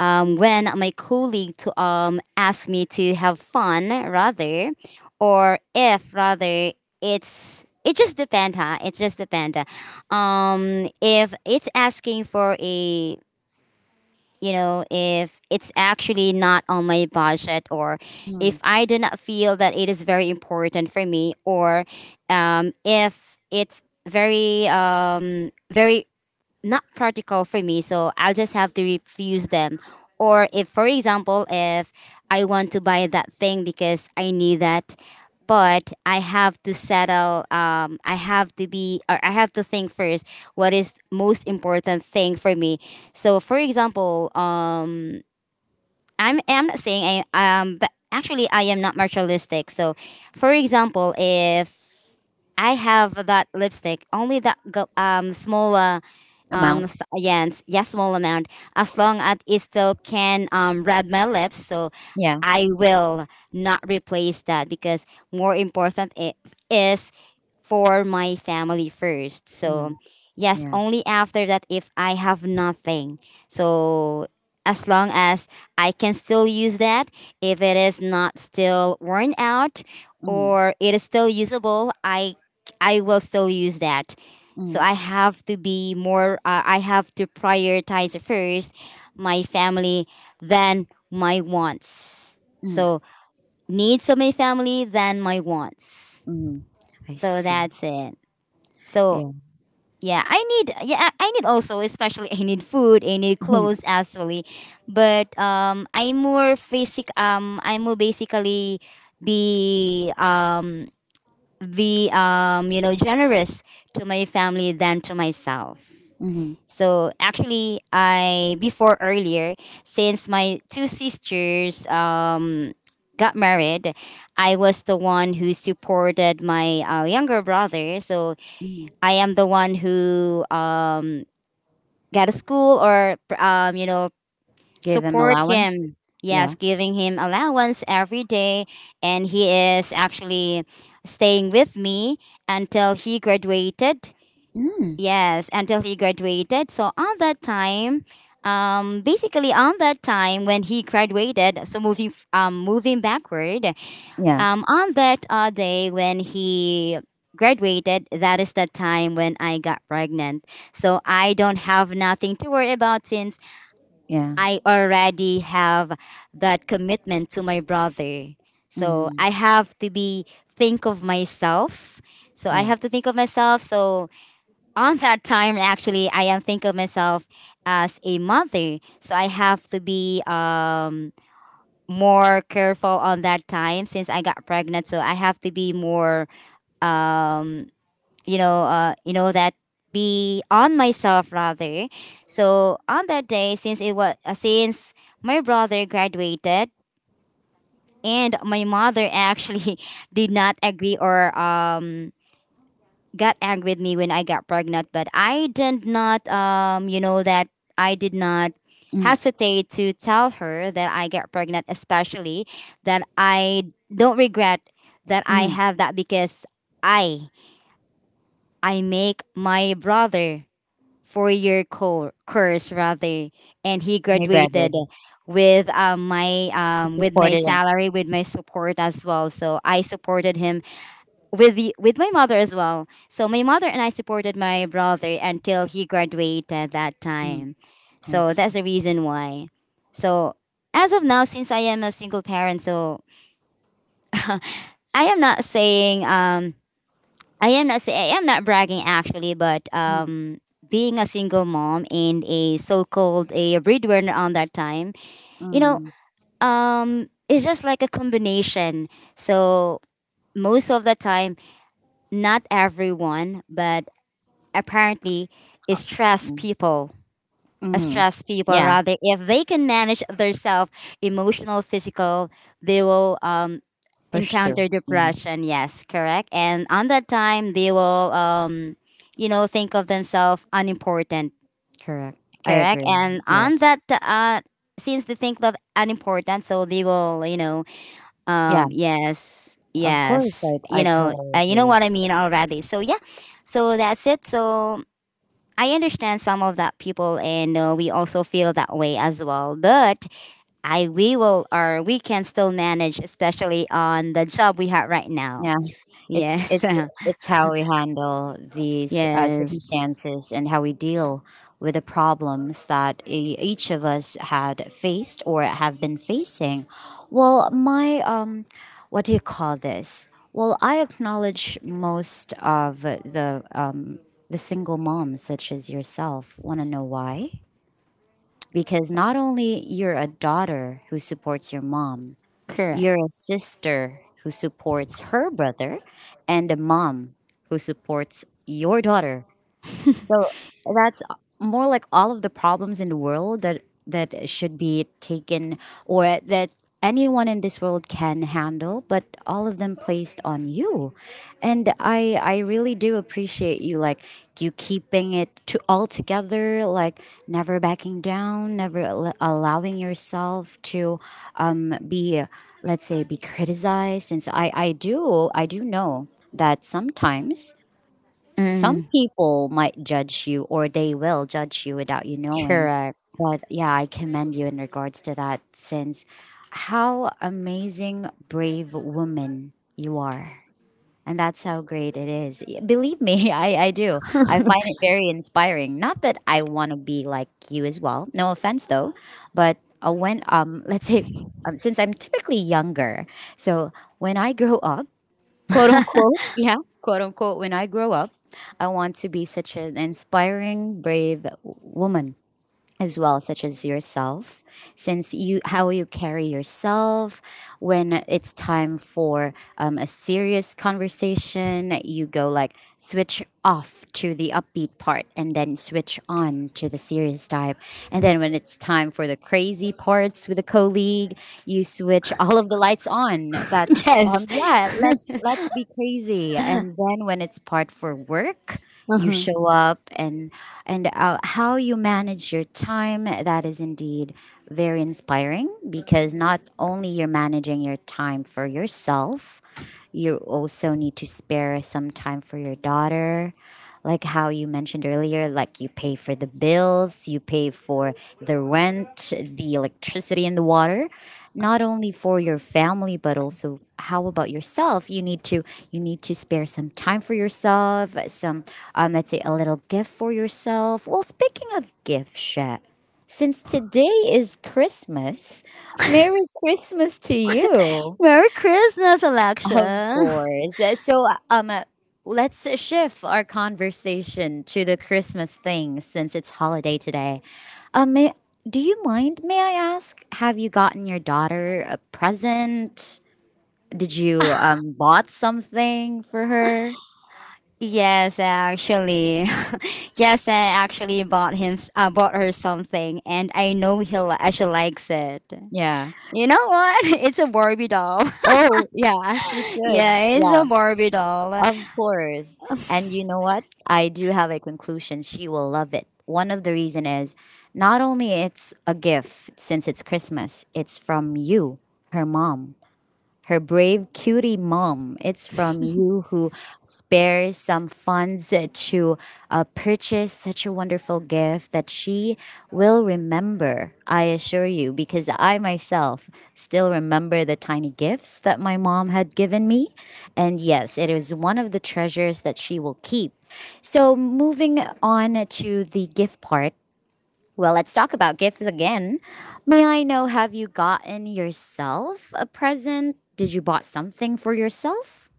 Speaker 2: when my colleague to ask me to have fun rather, or if rather, it's, it just depend, huh? It just depend. If it's asking for a, you know, if it's actually not on my budget, or if
Speaker 1: Mm.
Speaker 2: I do not feel that it is very important for me, or if it's very not practical for me, so I'll just have to refuse them. Or if, for example, if I want to buy that thing because I need that, but I have to settle, I have to be, or I have to think first what is most important thing for me. So for example, I'm not saying I but actually I am not materialistic. So for example if I have that lipstick, only that small
Speaker 1: Amount.
Speaker 2: s yeah, and yeah, small amount, as long as it still can read my lips. So
Speaker 1: Yeah.
Speaker 2: I will not replace that because more important it is for my family first. So
Speaker 1: Mm.
Speaker 2: yes,
Speaker 1: Yeah.
Speaker 2: only after that if I have nothing. So as long as I can still use that, if it is not still worn out,
Speaker 1: Mm.
Speaker 2: or it is still usable, I will still use that. So
Speaker 1: Mm.
Speaker 2: I have to be more, I have to prioritize first my family, then my wants.
Speaker 1: Mm.
Speaker 2: So needs of my family, then my wants.
Speaker 1: Mm. I
Speaker 2: So
Speaker 1: see.
Speaker 2: that's it. So
Speaker 1: Yeah.
Speaker 2: yeah, I need, yeah, I need also, especially I need food, I need clothes actually. But I'm more basic, I'm more basically be, um, be, you know, generous to my family than to myself.
Speaker 1: Hmm.
Speaker 2: So actually, I before earlier, since my two sisters got married, I was the one who supported my younger brother. So
Speaker 1: Hmm.
Speaker 2: I am the one who got a school, or um, you know,
Speaker 1: Give him
Speaker 2: support
Speaker 1: allowance.
Speaker 2: him. Yes,
Speaker 1: Yeah.
Speaker 2: giving him allowance every day, and he is actually staying with me until he graduated.
Speaker 1: Mm.
Speaker 2: Yes, until he graduated. So on that time, basically on that time when he graduated, so moving moving backward,
Speaker 1: Yeah.
Speaker 2: on that day when he graduated, that is the time when I got pregnant. So I don't have nothing to worry about since
Speaker 1: Yeah.
Speaker 2: I already have that commitment to my brother. So
Speaker 1: Mm-hmm.
Speaker 2: I have to be think of myself. So I have to think of myself. So on that time actually I am think of myself as a mother, so I have to be, um, more careful on that time since I got pregnant, so I have to be more, um, you know, you know that be on myself rather. So on that day since it was since my brother graduated, and my mother actually did not agree, or um, got angry with me when I got pregnant, but I did not, you know, that I did not
Speaker 1: Yes.
Speaker 2: hesitate to tell her that I get pregnant, especially that I don't regret that I
Speaker 1: Mm.
Speaker 2: have that, because I, I make my brother 4-year course rather, and he
Speaker 1: He
Speaker 2: graduated
Speaker 1: graduated.
Speaker 2: with my
Speaker 1: He
Speaker 2: with my
Speaker 1: supported him.
Speaker 2: salary, with my support as well. So I supported him with my mother as well. So my mother and I supported my brother until he graduated that
Speaker 1: Mm,
Speaker 2: time.
Speaker 1: I
Speaker 2: So that's
Speaker 1: see.
Speaker 2: the reason why. So as of now, since I am a single parent, so I am not saying, um, I am not say, I am not bragging actually, but
Speaker 1: Mm,
Speaker 2: um, being a single mom and a so-called a breadwinner on that time, you know,
Speaker 1: mm,
Speaker 2: um, it's just like a combination. So most of the time, not everyone, but apparently stress
Speaker 1: mm.
Speaker 2: people
Speaker 1: Mhm.
Speaker 2: stress people
Speaker 1: Yeah,
Speaker 2: rather, if they can manage their self emotional physical, they will,
Speaker 1: push through.
Speaker 2: encounter
Speaker 1: Yeah,
Speaker 2: depression, yes, correct. And on that time they will, you know, think of themselves unimportant,
Speaker 1: correct. I
Speaker 2: correct.
Speaker 1: agree.
Speaker 2: And on that
Speaker 1: Yes.
Speaker 2: since they think that unimportant, so they will, you know,
Speaker 1: Yeah,
Speaker 2: yes,
Speaker 1: of course.
Speaker 2: yes,
Speaker 1: I,
Speaker 2: you
Speaker 1: I
Speaker 2: know,
Speaker 1: totally
Speaker 2: you know
Speaker 1: agree.
Speaker 2: what I mean already, so yeah. So that's it. So I understand some of that people, and we also feel that way as well. But we will, or we can still manage, especially on the job we have right now.
Speaker 1: Yeah. It's
Speaker 2: Yes,
Speaker 1: it's how we handle these
Speaker 2: yes,
Speaker 1: circumstances and how we deal with the problems that each of us had faced or have been facing. Well, my what do you call this? Well, I acknowledge most of the single moms such as yourself. Want to know why? Because not only you're a daughter who supports your mom,
Speaker 2: correct,
Speaker 1: you're a sister who supports her brother and a mom who supports your daughter, so that's more like all of the problems in the world that should be taken or that anyone in this world can handle, but all of them placed on you. And I really do appreciate you, like you keeping it to all together, like never backing down, never allowing yourself to be, let's say, be criticized, since I do know that sometimes some
Speaker 2: mm,
Speaker 1: people might judge you or they will judge you without you knowing.
Speaker 2: correct.
Speaker 1: But yeah, I commend you in regards to that, since how amazing, brave woman you are. And that's how great it is. Believe me, I do. I find it very inspiring. Not that I want to be like you as well. No offense though. But let's say, since I'm typically younger, so when I grow up, quote unquote, yeah, quote unquote, when I grow up, I want to be such an inspiring, brave woman as well, such as yourself, since you how you carry yourself. When it's time for a serious conversation, you go like switch off to the upbeat part and then switch on to the serious type, and then when it's time for the crazy parts with a colleague, you switch all of the lights on. That's
Speaker 2: Yes,
Speaker 1: yeah, let's be crazy. And then when it's part for work, you show up. And how you manage your time, that is indeed very inspiring, because not only you're managing your time for yourself, you also need to spare some time for your daughter, like how you mentioned earlier, like you pay for the bills, you pay for the rent, the electricity, and the water. Not only for your family, but also how about yourself? You need to spare some time for yourself, some let's say a little gift for yourself. Well, speaking of gift, Shat, since today is Christmas, Merry Christmas to you.
Speaker 2: Merry Christmas,
Speaker 1: Of
Speaker 2: Alexa.
Speaker 1: course. So, let's shift our conversation to the Christmas thing since it's holiday today. Um, may, do you mind? May I ask, have you gotten your daughter a present? Did you bought something for her?
Speaker 2: Yes, actually, yes, I actually bought her something, and I know she likes it.
Speaker 1: Yeah.
Speaker 2: You know what? It's a Barbie doll.
Speaker 1: Oh, yeah. As she should.
Speaker 2: Yeah, it's
Speaker 1: Yeah.
Speaker 2: a Barbie doll.
Speaker 1: Of course. And you know what? I do have a conclusion. She will love it. One of the reason is not only it's a gift since it's Christmas, it's from you, her mom, her brave cutie mom. It's from you who spares some funds to purchase such a wonderful gift that she will remember, I assure you, because I myself still remember the tiny gifts that my mom had given me. And yes, it is one of the treasures that she will keep. So, moving on to the gift part. Well, let's talk about gifts again. May I know, have you gotten yourself a present? Did you bought something for yourself?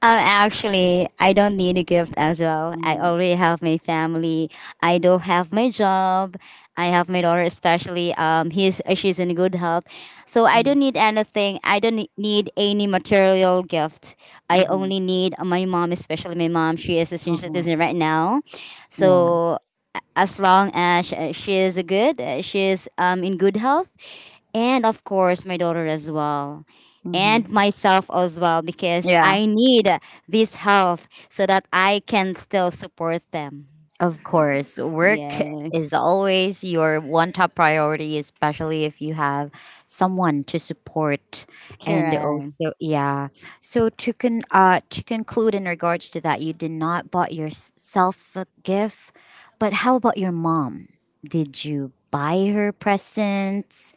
Speaker 2: Actually, I don't need a gift as well. I
Speaker 1: Mm-hmm.
Speaker 2: already have my family. I do have my job. I have my daughter, especially. He's she's in good health, so I don't need anything. I don't need any material gift. I
Speaker 1: Mm-hmm.
Speaker 2: only need my mom, especially my mom. She is a senior citizen right now,
Speaker 1: Yeah.
Speaker 2: so as long as she is good, she is, um, in good health, and of course my daughter as well, and
Speaker 1: Mm-hmm.
Speaker 2: myself as well, because
Speaker 1: Yeah.
Speaker 2: I need this health so that I can still support them.
Speaker 1: Of course, work
Speaker 2: Yeah,
Speaker 1: is always your one top priority, especially if you have someone to support. And
Speaker 2: correct.
Speaker 1: also, yeah. So to to conclude in regards to that, you did not bought yourself a gift, but how about your mom? Did you buy her presents?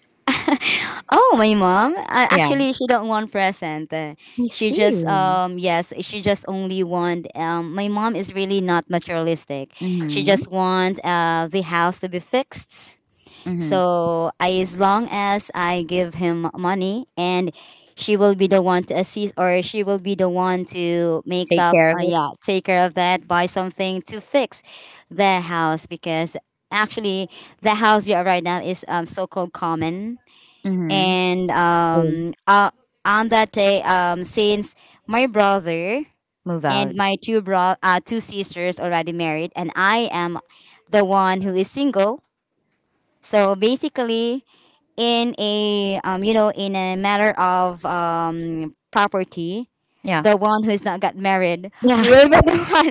Speaker 2: Oh, my mom,
Speaker 1: Yeah,
Speaker 2: actually she don't want present.
Speaker 1: I
Speaker 2: She just,
Speaker 1: see.
Speaker 2: um, yes, she just only want, um, my mom is really not materialistic, she
Speaker 1: Mm-hmm.
Speaker 2: just want uh, the house to be fixed.
Speaker 1: Mm-hmm.
Speaker 2: So as long as I give him money, and she will be the one to assist, or she will be the one to make
Speaker 1: Take
Speaker 2: the,
Speaker 1: care of it.
Speaker 2: yeah, take care of that, buy something to fix the house, because actually the house we are right now is, so called common.
Speaker 1: Mm-hmm.
Speaker 2: And um, on that day, um, since my brother,
Speaker 1: Move
Speaker 2: and
Speaker 1: out.
Speaker 2: my two sisters already married, and I am the one who is single. So basically, in a, you know, in a matter of, property,
Speaker 1: Yeah.
Speaker 2: the one who's not got married
Speaker 1: Yeah,
Speaker 2: will be the one.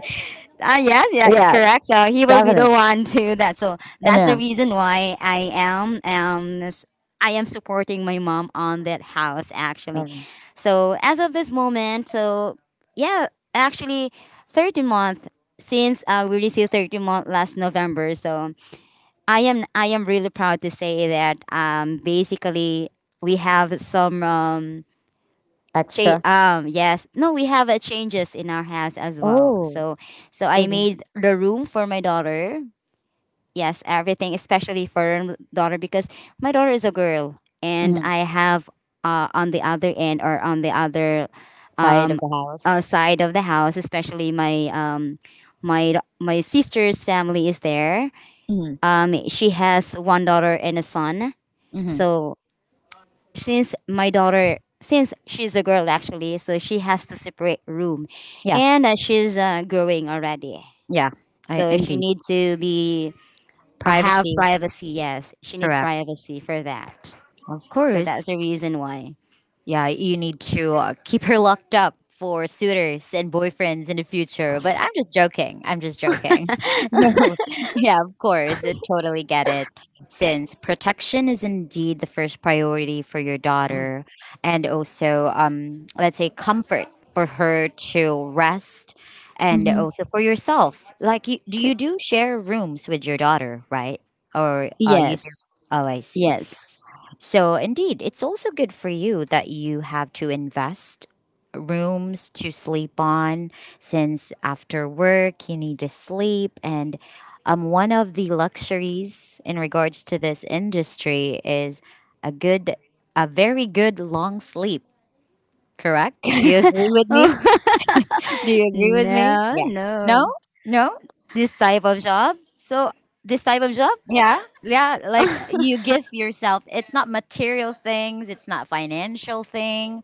Speaker 2: Ah, yes, yeah,
Speaker 1: yeah,
Speaker 2: correct, so he will be
Speaker 1: definitely.
Speaker 2: the one to that. So that's the
Speaker 1: I
Speaker 2: reason why I am, um, I am supporting my mom on that house actually.
Speaker 1: know.
Speaker 2: So as of this moment, so yeah, actually 13-month since, we received 13-month last November. So I am, I am really proud to say that, um, basically we have some, um,
Speaker 1: Extra.
Speaker 2: yes, no, we have, changes in our house as well.
Speaker 1: Oh,
Speaker 2: So so I
Speaker 1: city.
Speaker 2: made the room for my daughter, yes, everything, especially for her daughter, because my daughter is a girl, and
Speaker 1: Hmm.
Speaker 2: I have, uh, on the other end, or on the other,
Speaker 1: Side of
Speaker 2: um,
Speaker 1: the house.
Speaker 2: side of the house. Especially my, um, my sister's family is there,
Speaker 1: Hmm.
Speaker 2: she has one daughter and a son.
Speaker 1: Hmm.
Speaker 2: So since my daughter, since she's a girl actually, so she has to separate room,
Speaker 1: Yeah.
Speaker 2: and she's, growing already.
Speaker 1: Yeah. I
Speaker 2: So she
Speaker 1: indeed.
Speaker 2: need to be have
Speaker 1: Privacy.
Speaker 2: privacy. Yes, she need
Speaker 1: Correct.
Speaker 2: privacy for that.
Speaker 1: Of
Speaker 2: So that's
Speaker 1: course.
Speaker 2: the reason why.
Speaker 1: Yeah, you need to keep her locked up for suitors and boyfriends in the future. But I'm just joking. I'm just joking. No, yeah, of course, I totally get it. Since protection is indeed the first priority for your daughter, and also, let's say, comfort for her to rest, and
Speaker 2: Mhm.
Speaker 1: also for yourself. Like, do you do share rooms with your daughter, right? Or you do?
Speaker 2: Yes.
Speaker 1: Oh, I see.
Speaker 2: Yes.
Speaker 1: So, indeed, it's also good for you that you have to invest rooms to sleep on, since after work you need to sleep. And one of the luxuries in regards to this industry is a good, a very good long sleep. Correct? Do you agree with me?
Speaker 2: Oh,
Speaker 1: Do you agree with me?
Speaker 2: no,
Speaker 1: Yeah. No,
Speaker 2: no.
Speaker 1: no.
Speaker 2: This type of job. This type of job,
Speaker 1: Yeah, yeah, like you give yourself, it's not material things, it's not financial thing.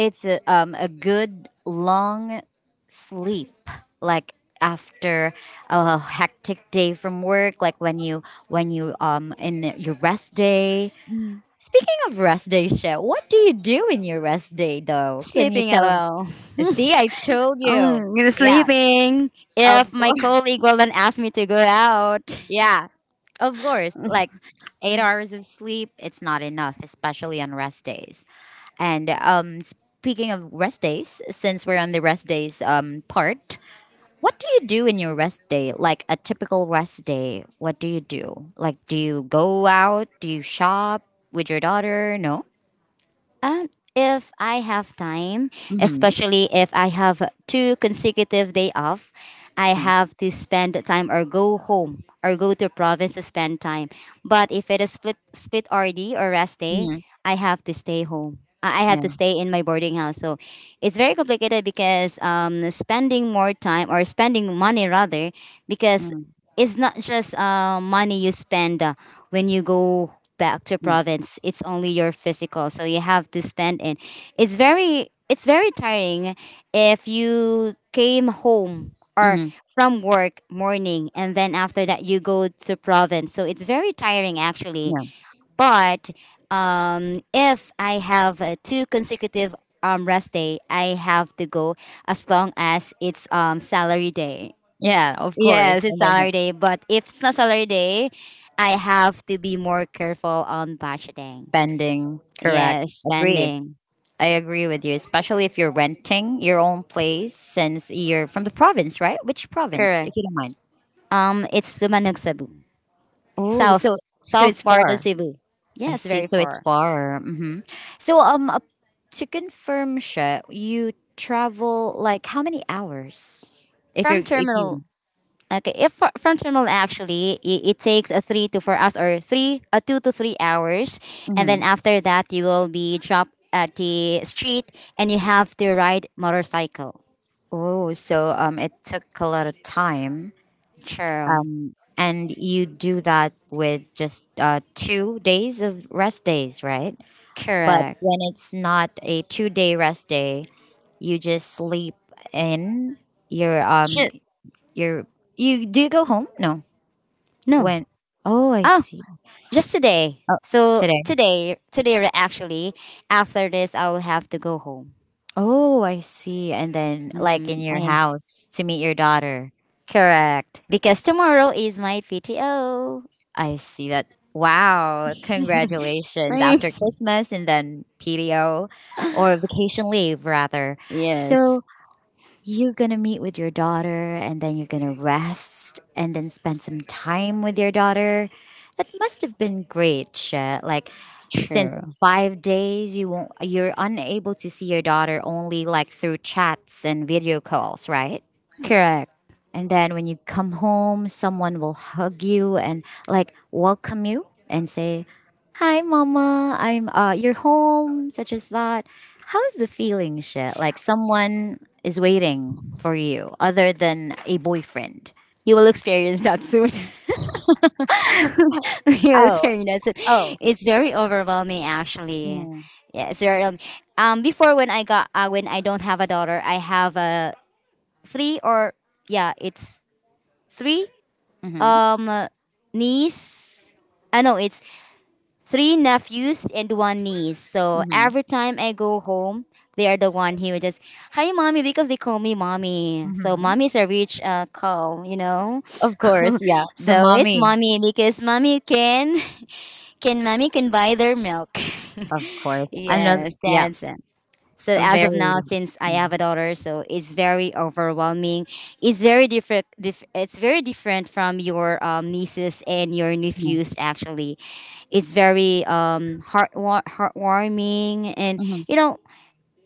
Speaker 1: It's a good long sleep, like after a hectic day from work, like when you in your rest day.
Speaker 2: Mm.
Speaker 1: Speaking of rest day, Chef, what do you do in your rest day though? Can you
Speaker 2: Sleeping at
Speaker 1: tell?
Speaker 2: all.
Speaker 1: See, I told you. Yeah,
Speaker 2: Sleeping.
Speaker 1: of
Speaker 2: If my
Speaker 1: course.
Speaker 2: colleague will then ask me to go out.
Speaker 1: Yeah, of course. Like 8 hours of sleep, it's not enough, especially on rest days. And speaking of rest days, since we're on the rest days part, what do you do in your rest day? Like a typical rest day, what do you do? Like, do you go out? Do you shop with your daughter? No?
Speaker 2: And if I have time,
Speaker 1: Mm-hmm.
Speaker 2: especially if I have two consecutive day off, I have to spend time or go home or go to province to spend time. But if it is split RD or rest day,
Speaker 1: Mm-hmm.
Speaker 2: I have to stay home. I have
Speaker 1: Yeah.
Speaker 2: to stay in my boarding house. So it's very complicated because spending more time or spending money rather because
Speaker 1: Mm-hmm.
Speaker 2: it's not just money you spend when you go back to province. It's only your physical, so you have to spend it. It's very tiring if you came home or
Speaker 1: Mm-hmm.
Speaker 2: from work morning and then after that you go to province. So it's very tiring actually.
Speaker 1: Yeah.
Speaker 2: But if I have two consecutive rest day, I have to go as long as it's salary day.
Speaker 1: Yeah, of
Speaker 2: Yes,
Speaker 1: course.
Speaker 2: it's
Speaker 1: And then
Speaker 2: Saturday, but if it's not Saturday, I have to be more careful on budgeting.
Speaker 1: spending. Correct.
Speaker 2: Yes,
Speaker 1: Agree.
Speaker 2: spending.
Speaker 1: I agree with you, especially if you're renting your own place since you're from the province, right? Which province, if
Speaker 2: Correct.
Speaker 1: you don't mind?
Speaker 2: It's Dumanag, Cebu.
Speaker 1: Oh,
Speaker 2: South,
Speaker 1: so so it's
Speaker 2: south part of
Speaker 1: far.
Speaker 2: Cebu.
Speaker 1: I
Speaker 2: Yes,
Speaker 1: see.
Speaker 2: very
Speaker 1: So it's
Speaker 2: far.
Speaker 1: far. Hmm. So to confirm, Sha, you travel like how many hours? If
Speaker 2: From
Speaker 1: you if
Speaker 2: terminal,
Speaker 1: you.
Speaker 2: okay, if fr- from terminal actually, it takes a 3 to 4 hours or three, a 2 to 3 hours. And then
Speaker 1: Mhm.
Speaker 2: after that, you will be dropped at the street and you have to ride motorcycle.
Speaker 1: Oh, so it took a lot of time.
Speaker 2: Sure.
Speaker 1: And you do that with just 2 days of rest days, right? But
Speaker 2: Correct.
Speaker 1: when it's not a 2 day rest day, you just sleep in. Your um,
Speaker 2: Should,
Speaker 1: your you, do you go home? No.
Speaker 2: no,
Speaker 1: When? Oh, I
Speaker 2: oh,
Speaker 1: see.
Speaker 2: just today.
Speaker 1: Oh, today.
Speaker 2: Today actually, after this, I will have to go home.
Speaker 1: Oh, I see. And then, like in
Speaker 2: Mm,
Speaker 1: your
Speaker 2: yeah,
Speaker 1: house to meet your daughter.
Speaker 2: correct. Because tomorrow is my PTO.
Speaker 1: I see that. Wow. Congratulations. After Christmas and then PDO or vacation leave, rather.
Speaker 2: Yes,
Speaker 1: So, you're going to meet with your daughter and then you're going to rest and then spend some time with your daughter. That must have been great, Sha. Like, since
Speaker 2: true.
Speaker 1: 5 days you won't, you're unable to see your daughter, only like through chats and video calls, right?
Speaker 2: Correct.
Speaker 1: And then when you come home, someone will hug you and like welcome you and say, "Hi, mama. I'm you're home." Such as that. How's the feeling, shit? Like someone is waiting for you, other than a boyfriend.
Speaker 2: You will experience that soon. You will
Speaker 1: Oh,
Speaker 2: experience that soon.
Speaker 1: oh.
Speaker 2: It's very overwhelming, actually.
Speaker 1: Mm.
Speaker 2: Yeah, it's very. Before when I got when I don't have a daughter, I have a three or yeah, it's three
Speaker 1: Mm-hmm.
Speaker 2: um niece. I know it's three nephews and one niece. So
Speaker 1: Mm-hmm.
Speaker 2: every time I go home, they are the one who would just, hi, mommy, because they call me mommy. So
Speaker 1: Mm-hmm.
Speaker 2: mommy is a rich call, you know?
Speaker 1: Of course, yeah. The
Speaker 2: So it's
Speaker 1: mommy,
Speaker 2: mommy because can mommy can buy their milk.
Speaker 1: of course. Another,
Speaker 2: Yes,
Speaker 1: yeah.
Speaker 2: that's it. So
Speaker 1: A
Speaker 2: as of
Speaker 1: very.
Speaker 2: now, since I
Speaker 1: Mm-hmm.
Speaker 2: have a daughter, so it's very overwhelming. It's very different. It's very different from your nieces and your nephews. Actually, it's very heartwarming. And you know,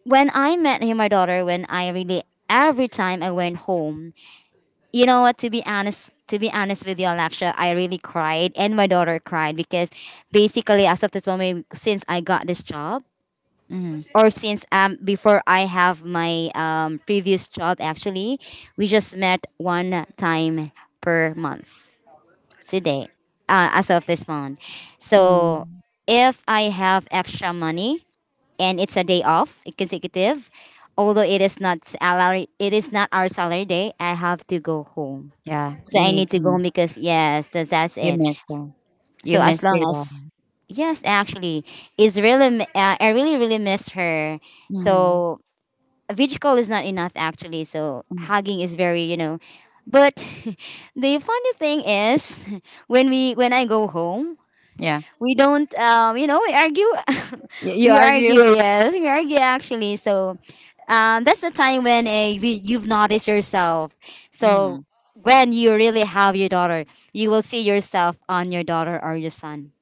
Speaker 2: when I met him, my daughter, when I really every time I went home, you know what? To be honest with you, Alexia, I really cried, and my daughter cried because basically, as of this moment, since I got this job
Speaker 1: Mm-hmm.
Speaker 2: or since before I have my previous job actually, we just met one time per month today, as of this month. So
Speaker 1: Mm-hmm.
Speaker 2: if I have extra money and it's a day off consecutive, although it is not salary, it is not our salary day. I have to go home.
Speaker 1: Yeah.
Speaker 2: So
Speaker 1: You
Speaker 2: I
Speaker 1: need
Speaker 2: need to go
Speaker 1: to.
Speaker 2: home because yes, that's
Speaker 1: You
Speaker 2: it.
Speaker 1: miss her. You
Speaker 2: So as
Speaker 1: miss
Speaker 2: long
Speaker 1: your
Speaker 2: as
Speaker 1: daughter.
Speaker 2: yes, actually, it's really I really miss her.
Speaker 1: Mm,
Speaker 2: So a video call is not enough actually so
Speaker 1: mm.
Speaker 2: hugging is very you know but the funny thing is when I go home
Speaker 1: Yeah.
Speaker 2: we don't you know we argue
Speaker 1: You
Speaker 2: we
Speaker 1: argue.
Speaker 2: argue yes we argue actually so that's the time when a you've noticed yourself so
Speaker 1: Mm,
Speaker 2: when you really have your daughter you will see yourself on your daughter or your son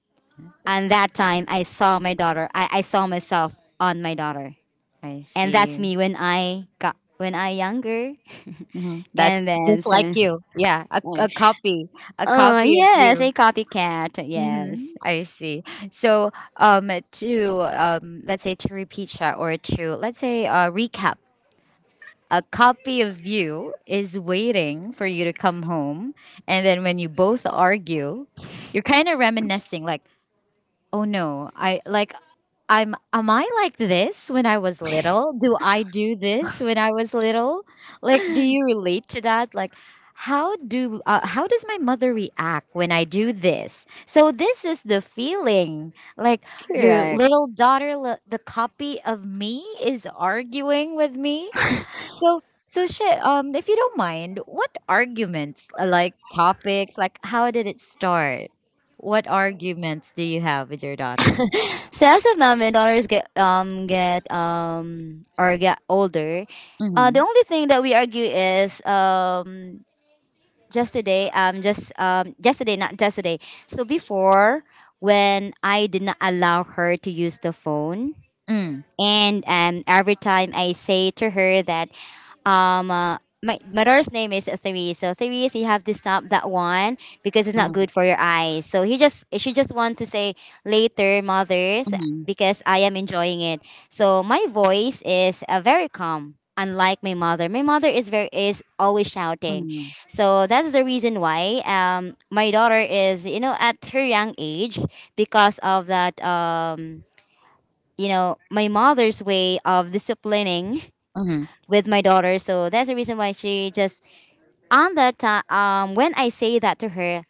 Speaker 2: and that time I saw my daughter I saw myself on my daughter
Speaker 1: I
Speaker 2: and that's
Speaker 1: see.
Speaker 2: me when I got when I younger.
Speaker 1: Hmm.
Speaker 2: And
Speaker 1: That's
Speaker 2: then
Speaker 1: just like
Speaker 2: so,
Speaker 1: you. Yeah. A copy. A
Speaker 2: oh
Speaker 1: copy of
Speaker 2: yes,
Speaker 1: you.
Speaker 2: a copycat.
Speaker 1: Hmm.
Speaker 2: Yes,
Speaker 1: I see. So, to let's say to repeat that, or to let's say recap. A copy of you is waiting for you to come home, and then when you both argue, you're kind of reminiscing, like, oh no, I like, I'm am I like this when I was little? Do I do this when I was little? Like, do you relate to that? Like, how does my mother react when I do this? So this is the feeling, like your
Speaker 2: correct.
Speaker 1: little daughter, the copy of me is arguing with me. So, shit. If you don't mind, what arguments, like topics, like how did it start? What arguments do you have with your daughter?
Speaker 2: So as of now, my daughters get or get older.
Speaker 1: Mm-hmm.
Speaker 2: The only thing that we argue is just today not just today. So before when I did not allow her to use the phone.
Speaker 1: Mm,
Speaker 2: And every time I say to her that my my daughter's name is three. So three is you have to stop that one because it's not
Speaker 1: mm,
Speaker 2: good for your eyes. So he just she just want to say later, mothers,
Speaker 1: mm,
Speaker 2: because I am enjoying it. So my voice is very calm. Unlike my mother, my mother is always shouting,
Speaker 1: mm,
Speaker 2: so that's the reason why my daughter is you know at her young age because of that you know my mother's way of disciplining
Speaker 1: mm,
Speaker 2: with my daughter. So that's the reason why she just on that time when I say that to her,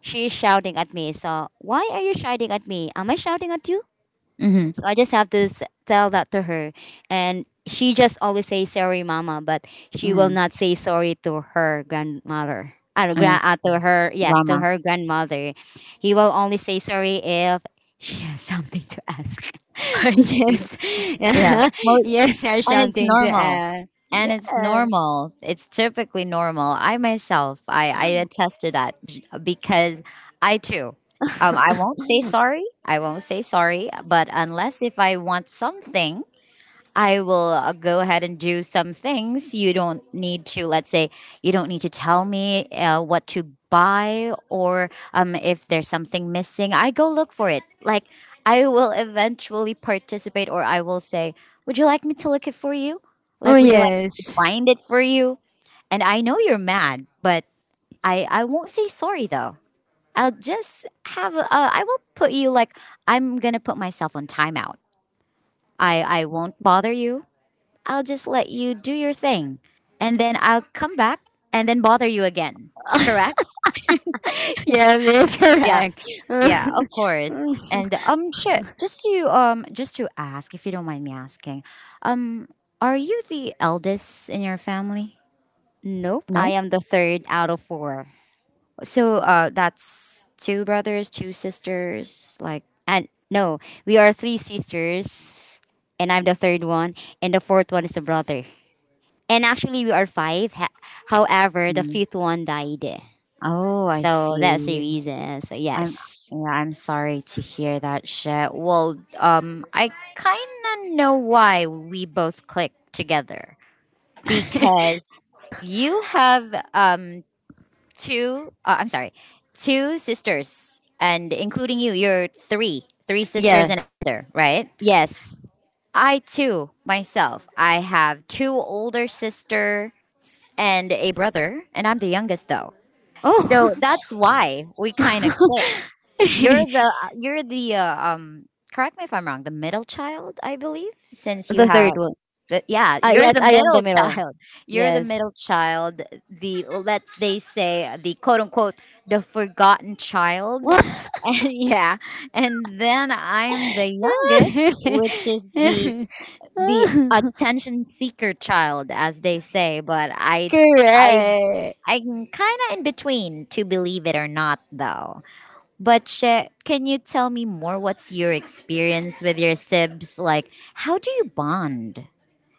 Speaker 2: she's shouting at me. So why are you shouting at me? Am I shouting at you?
Speaker 1: mm,
Speaker 2: So I just have to s- tell that to her, and she just always says sorry, mama, but she will
Speaker 1: mm.
Speaker 2: not say sorry to her grandmother.
Speaker 1: Yes,
Speaker 2: To her yes to
Speaker 1: drama.
Speaker 2: her grandmother he will only say sorry if she has something to ask
Speaker 1: I see.
Speaker 2: yes
Speaker 1: Yeah,
Speaker 2: yes there's
Speaker 1: And it's
Speaker 2: something to
Speaker 1: normal.
Speaker 2: add yeah.
Speaker 1: It's typically normal. I myself, I attest to that, because I too, I won't say sorry. I won't say sorry. But unless if I want something, I will go ahead and do some things. You don't need to, let's say, you don't need to tell me what to buy, or if there's something missing. I go look for it. Like, I will eventually participate, or I will say, would you like me to look it for you?
Speaker 2: Oh,
Speaker 1: Like, would you like me to
Speaker 2: yes.
Speaker 1: find it for you? And I know you're mad, but I won't say sorry though. I'll just have, I will put you like, I'm going to put myself on timeout. I won't bother you. I'll just let you do your thing. And then I'll come back and then bother you again. Correct?
Speaker 2: Yes, you're
Speaker 1: Yeah.
Speaker 2: correct.
Speaker 1: Yeah, of course. And sure, just to ask if you don't mind me asking. Um are you the eldest in your family?
Speaker 2: Nope,
Speaker 1: No.
Speaker 2: I am the third out of four.
Speaker 1: So that's two brothers, two sisters, like.
Speaker 2: And no, we are three sisters, and I'm the third one, and the fourth one is a brother. And actually, we are five. However, the
Speaker 1: Mm.
Speaker 2: fifth one died.
Speaker 1: Oh, I
Speaker 2: So that's the
Speaker 1: see.
Speaker 2: reason. So,
Speaker 1: I'm
Speaker 2: yes.
Speaker 1: yeah, I'm sorry to hear that shit. Well, I kind of know why we both clicked together. Because you have two I'm sorry, two sisters and including you, you're three sisters
Speaker 2: Yeah,
Speaker 1: and a brother, right?
Speaker 2: yes.
Speaker 1: I too myself, I have two older sisters and a brother, and I'm the youngest though. So
Speaker 2: Oh,
Speaker 1: that's why we kind of click. You're the correct me if I'm wrong, the middle child, I believe, since you
Speaker 2: the
Speaker 1: have.
Speaker 2: third one.
Speaker 1: Yeah, you're
Speaker 2: Yes,
Speaker 1: the
Speaker 2: I am the
Speaker 1: middle
Speaker 2: middle.
Speaker 1: child. You're the
Speaker 2: Yes.
Speaker 1: middle child, the let's they say the quote unquote the forgotten child. And yeah, and then I'm the youngest, which is the attention seeker child as they say, but I
Speaker 2: Correct.
Speaker 1: I'm kind of in between, to believe it or not though. But Che, can you tell me more, what's your experience with your sibs? Like how do you bond?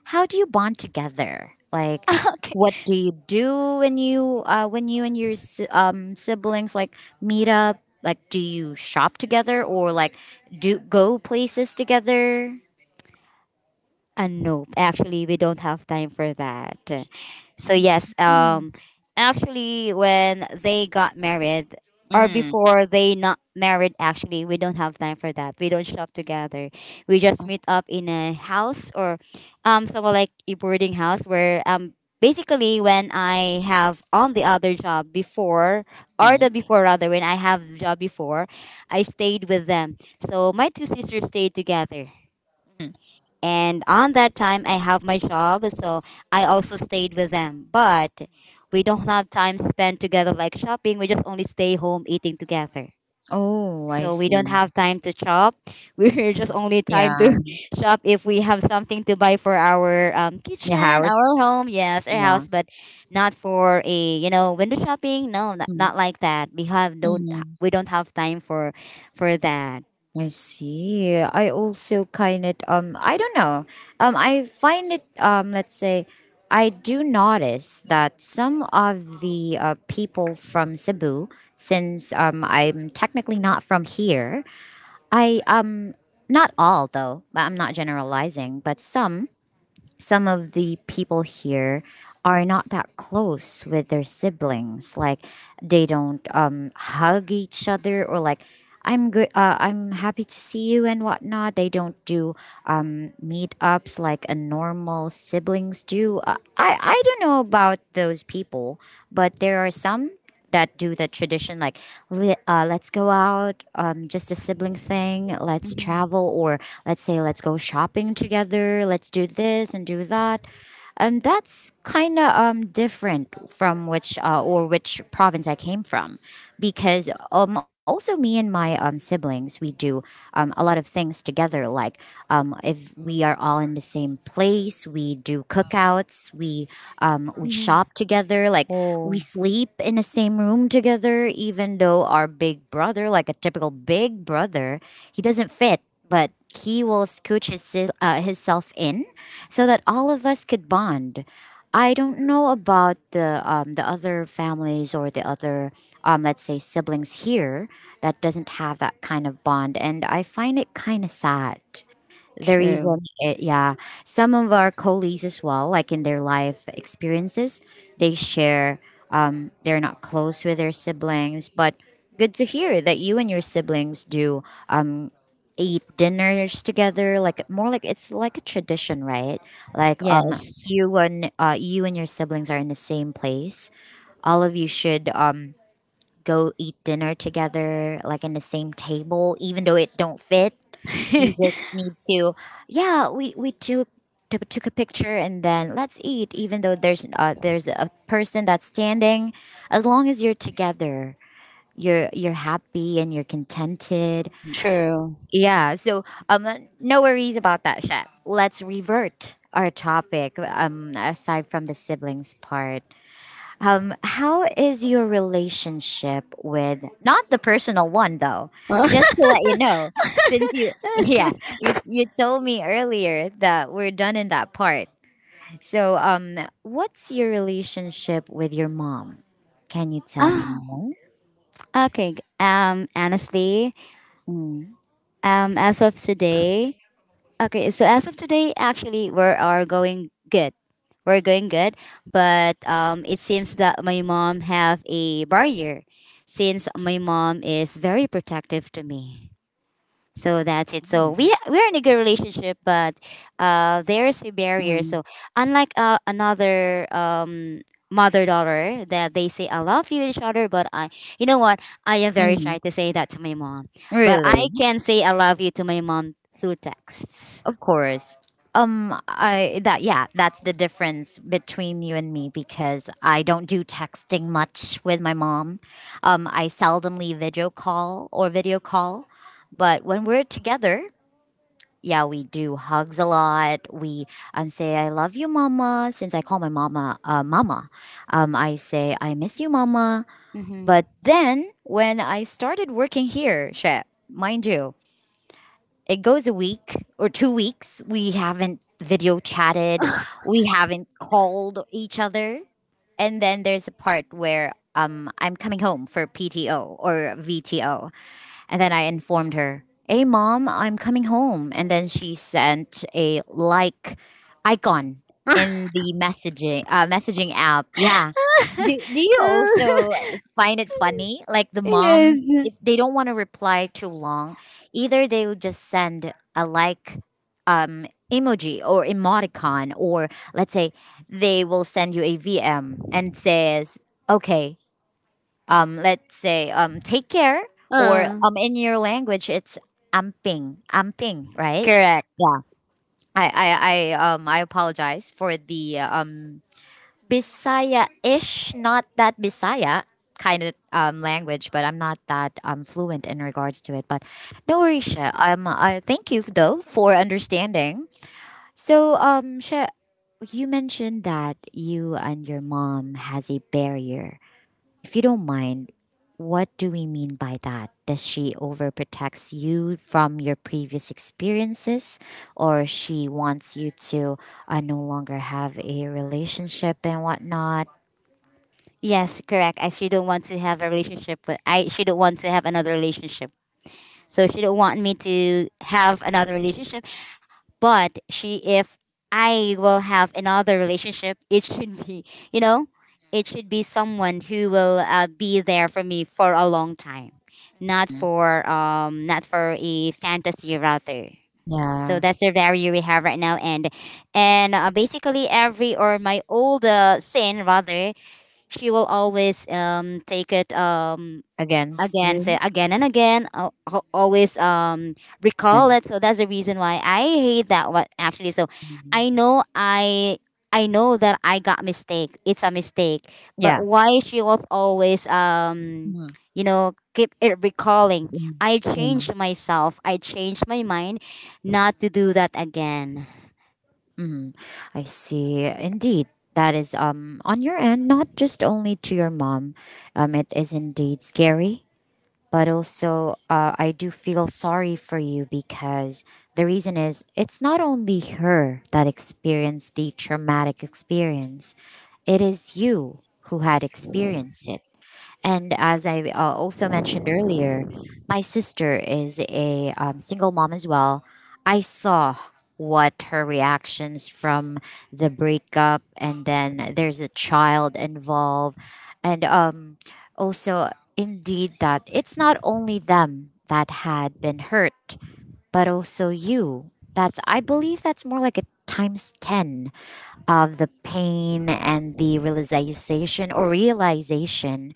Speaker 1: How do you bond together? Like,
Speaker 2: Okay.
Speaker 1: what do you do when you and your siblings like meet up? Like, do you shop together or like do go places together?
Speaker 2: Nope. Actually, we don't have time for that. So yes, actually, when they got married, or
Speaker 1: Mm.
Speaker 2: before they not married, actually, we don't have time for that. We don't shop together. We just meet up in a house or, somewhat like a boarding house where. Basically, when I have on the other job before, or the
Speaker 1: Mm,
Speaker 2: before rather, when I have job before, I stayed with them. So my two sisters stayed together
Speaker 1: mm.
Speaker 2: and on that time I have my job so I also stayed with them but we don't have time spent together like shopping we just only stay home eating together
Speaker 1: Oh, I
Speaker 2: so we don't
Speaker 1: see.
Speaker 2: have time to shop we're just only time
Speaker 1: Yeah,
Speaker 2: to shop if we have something to buy for our
Speaker 1: your
Speaker 2: kitchen our home
Speaker 1: house.
Speaker 2: yes our
Speaker 1: Yeah.
Speaker 2: house but not for a you know window shopping no not like that we have don't
Speaker 1: Mm.
Speaker 2: we don't have time for that.
Speaker 1: I see. I also kind of I don't know. I find it let's say I do notice that some of the people from Cebu, since I'm technically not from here, I not all though, but I'm not generalizing, but some of the people here are not that close with their siblings. Like they don't hug each other or like I'm good. I'm happy to see you and whatnot. They don't do meetups like a normal siblings do. I don't know about those people, but there are some that do the tradition, like let's go out, just a sibling thing, let's
Speaker 2: Mhm.
Speaker 1: travel, or let's say let's go shopping together, let's do this and do that. And that's kind of different from which or which province I came from, because also me and my siblings, we do a lot of things together, like if we are all in the same place, we do cookouts, we we
Speaker 2: Mhm.
Speaker 1: shop together. Like we
Speaker 2: Oh
Speaker 1: sleep in the same room together, even though our big brother, like a typical big brother, he doesn't fit. But he will scooch his his self in so that all of us could bond. I don't know about the other families or the other let's say siblings here that doesn't have that kind of bond, and I find it kind of sad. The
Speaker 2: true
Speaker 1: reason, it, yeah, some of our colleagues as well, like in their life experiences, they share. They're not close with their siblings, but good to hear that you and your siblings do um eat dinners together. Like, more like it's like a tradition, right? Like
Speaker 2: yes
Speaker 1: you and you and your siblings are in the same place. All of you should go eat dinner together, like in the same table, even though it don't fit, you just need to, yeah, we took took a picture and then let's eat. Even though there's a person that's standing, as long as you're together, you're happy and you're contented.
Speaker 2: true.
Speaker 1: Yeah. So um, no worries about that, Shep. Let's revert our topic. Aside from the siblings part. How is your relationship with not the personal one though? Just to let you know, since you yeah, you told me earlier that we're done in that part. So what's your relationship with your mom? Can you tell me
Speaker 2: Ah,
Speaker 1: more?
Speaker 2: okay. Honestly,
Speaker 1: Mm.
Speaker 2: as of today, okay. So as of today, actually, we are going good. We're going good, but it seems that my mom have a barrier, since my mom is very protective to me. So that's it. So we we're in a good relationship, but there's a barrier.
Speaker 1: Mm,
Speaker 2: So unlike another mother daughter that they say I love you to each other, but I you know what I am
Speaker 1: mm.
Speaker 2: very shy
Speaker 1: Mm.
Speaker 2: to say that to my mom, but
Speaker 1: Really?
Speaker 2: I can say I love you to my mom through texts.
Speaker 1: Of course. I that, yeah, that's the difference between you and me, because I don't do texting much with my mom. I seldomly video call or video call, but when we're together, yeah, we do hugs a lot. We say I love you, mama. Since I call my mama, mama, I say I miss you, mama.
Speaker 2: Mm-hmm.
Speaker 1: But then when I started working here, shit, mind you, it goes a week or 2 weeks. We haven't video chatted. We haven't called each other. And then there's a part where I'm coming home for PTO or VTO. And then I informed her, Hey, mom, I'm coming home. And then she sent a like icon in the messaging app. Yeah. Do, do you also find it funny? Like the moms,
Speaker 2: Yes.
Speaker 1: if they don't want to reply too long, either they'll just send a like emoji or emoticon, or let's say they will send you a VM and says, okay, let's say take care or
Speaker 2: Uh,
Speaker 1: in your language it's amping amping, right?
Speaker 2: correct.
Speaker 1: Yeah. I apologize for the bisaya-ish, not that bisaya kind of language, but I'm not that fluent in regards to it, but no worries, Sha. I thank you though for understanding. So Sha, you mentioned that you and your mom has a barrier. If you don't mind, what do we mean by that? Does she overprotects you from your previous experiences, or she wants you to no longer have a relationship and whatnot?
Speaker 2: Yes, correct. I she don't want to have a relationship, but I she don't want to have another relationship. So she don't want me to have another relationship. But she, if I will have another relationship, it should be, you know, it should be someone who will be there for me for a long time, not
Speaker 1: Mm.
Speaker 2: for not for a fantasy rather. So
Speaker 1: Yeah.
Speaker 2: that's the value we have right now, and basically every or my old sin rather, she will always take it
Speaker 1: Against
Speaker 2: again
Speaker 1: you?
Speaker 2: say again and again always recall
Speaker 1: And,
Speaker 2: it so that's the reason why I hate that one actually so i
Speaker 1: mhm.
Speaker 2: know i I know that I got mistake it's a mistake
Speaker 1: Yeah.
Speaker 2: but why she was always
Speaker 1: Mhm.
Speaker 2: you know keep it recalling
Speaker 1: Mhm.
Speaker 2: I
Speaker 1: Yeah.
Speaker 2: changed myself I changed my mind not to do that again.
Speaker 1: Mhm. I see. Indeed. That is on your end, not just only to your mom. It is indeed scary, but also I do feel sorry for you, because the reason is it's not only her that experienced the traumatic experience, it is you who had experienced it. And as I also mentioned earlier, my sister is a single mom as well. I saw what her reactions from the breakup, and then there's a child involved, and also indeed that it's not only them that had been hurt, but also you. That's, I believe that's more like a times ten of the pain and the realization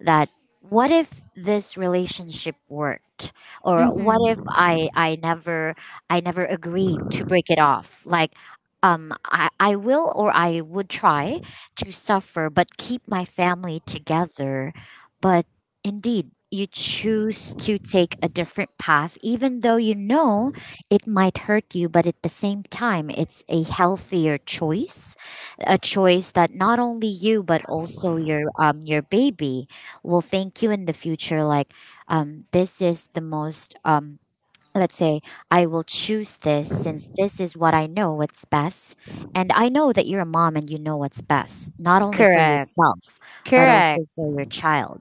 Speaker 1: that what if this relationship worked, or what if
Speaker 2: Mm-hmm.
Speaker 1: I never, I never agreed to break it off, like I will or I would try to suffer but keep my family together. But indeed you choose to take a different path, even though you know it might hurt you, but at the same time it's a healthier choice, a choice that not only you but also your baby will thank you in the future. Like this is the most let's say I will choose this, since this is what I know what's best. And I know that you're a mom, and you know what's best not only for
Speaker 2: Correct.
Speaker 1: yourself but also
Speaker 2: Correct.
Speaker 1: for your child.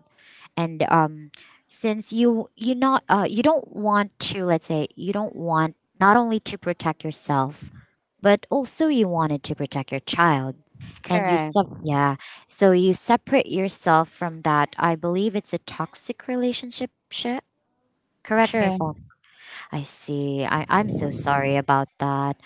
Speaker 1: And since you don't want to, let's say, you don't want not only to protect yourself but also you wanted to protect your child, and you
Speaker 2: Correct.
Speaker 1: sub, yeah, so you separate yourself from that. I believe it's a toxic relationship, shi-, correct me if I'm.
Speaker 2: Sure.
Speaker 1: I see. I'm so sorry about that.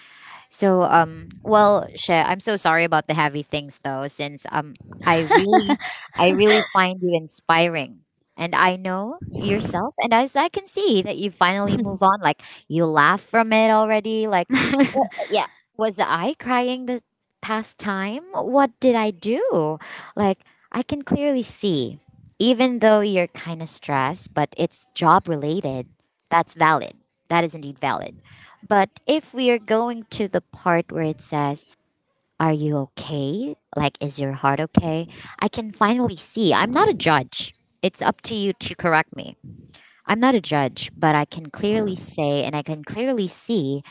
Speaker 1: So well, Shay, I'm so sorry about the heavy things though, since I really, I really find you inspiring. And I know yourself, and as I can see that you finally move on, like you laugh from it already. Like, well, yeah. Was I crying the past time? What did I do? Like, I can clearly see. Even though you're kinda stressed, but it's job related, that's valid. That is indeed valid. But if we are going to the part where it says, Are you okay? Like, is your heart okay? I can finally see. I'm not a judge. It's up to you to correct me. I'm not a judge, but I can clearly say and I can clearly see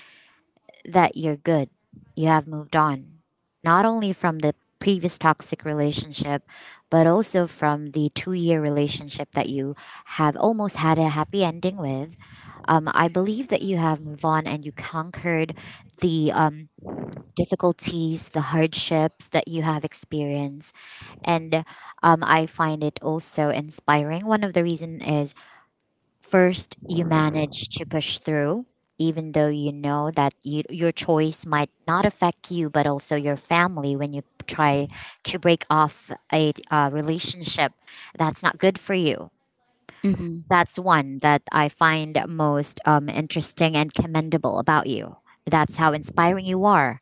Speaker 1: that you're good. You have moved on, not only from the previous toxic relationship, but also from the 2 year relationship that you have almost had a happy ending with. I believe that you have moved on and you conquered the difficulties, the hardships that you have experienced. And I find it also inspiring. One of the reason is, First, you manage to push through, even though you know that you, your choice might not affect you, but also your family, when you try to break off a relationship that's not good for you.
Speaker 2: Mm-hmm.
Speaker 1: That's one that I find most interesting and commendable about you. That's how inspiring you are.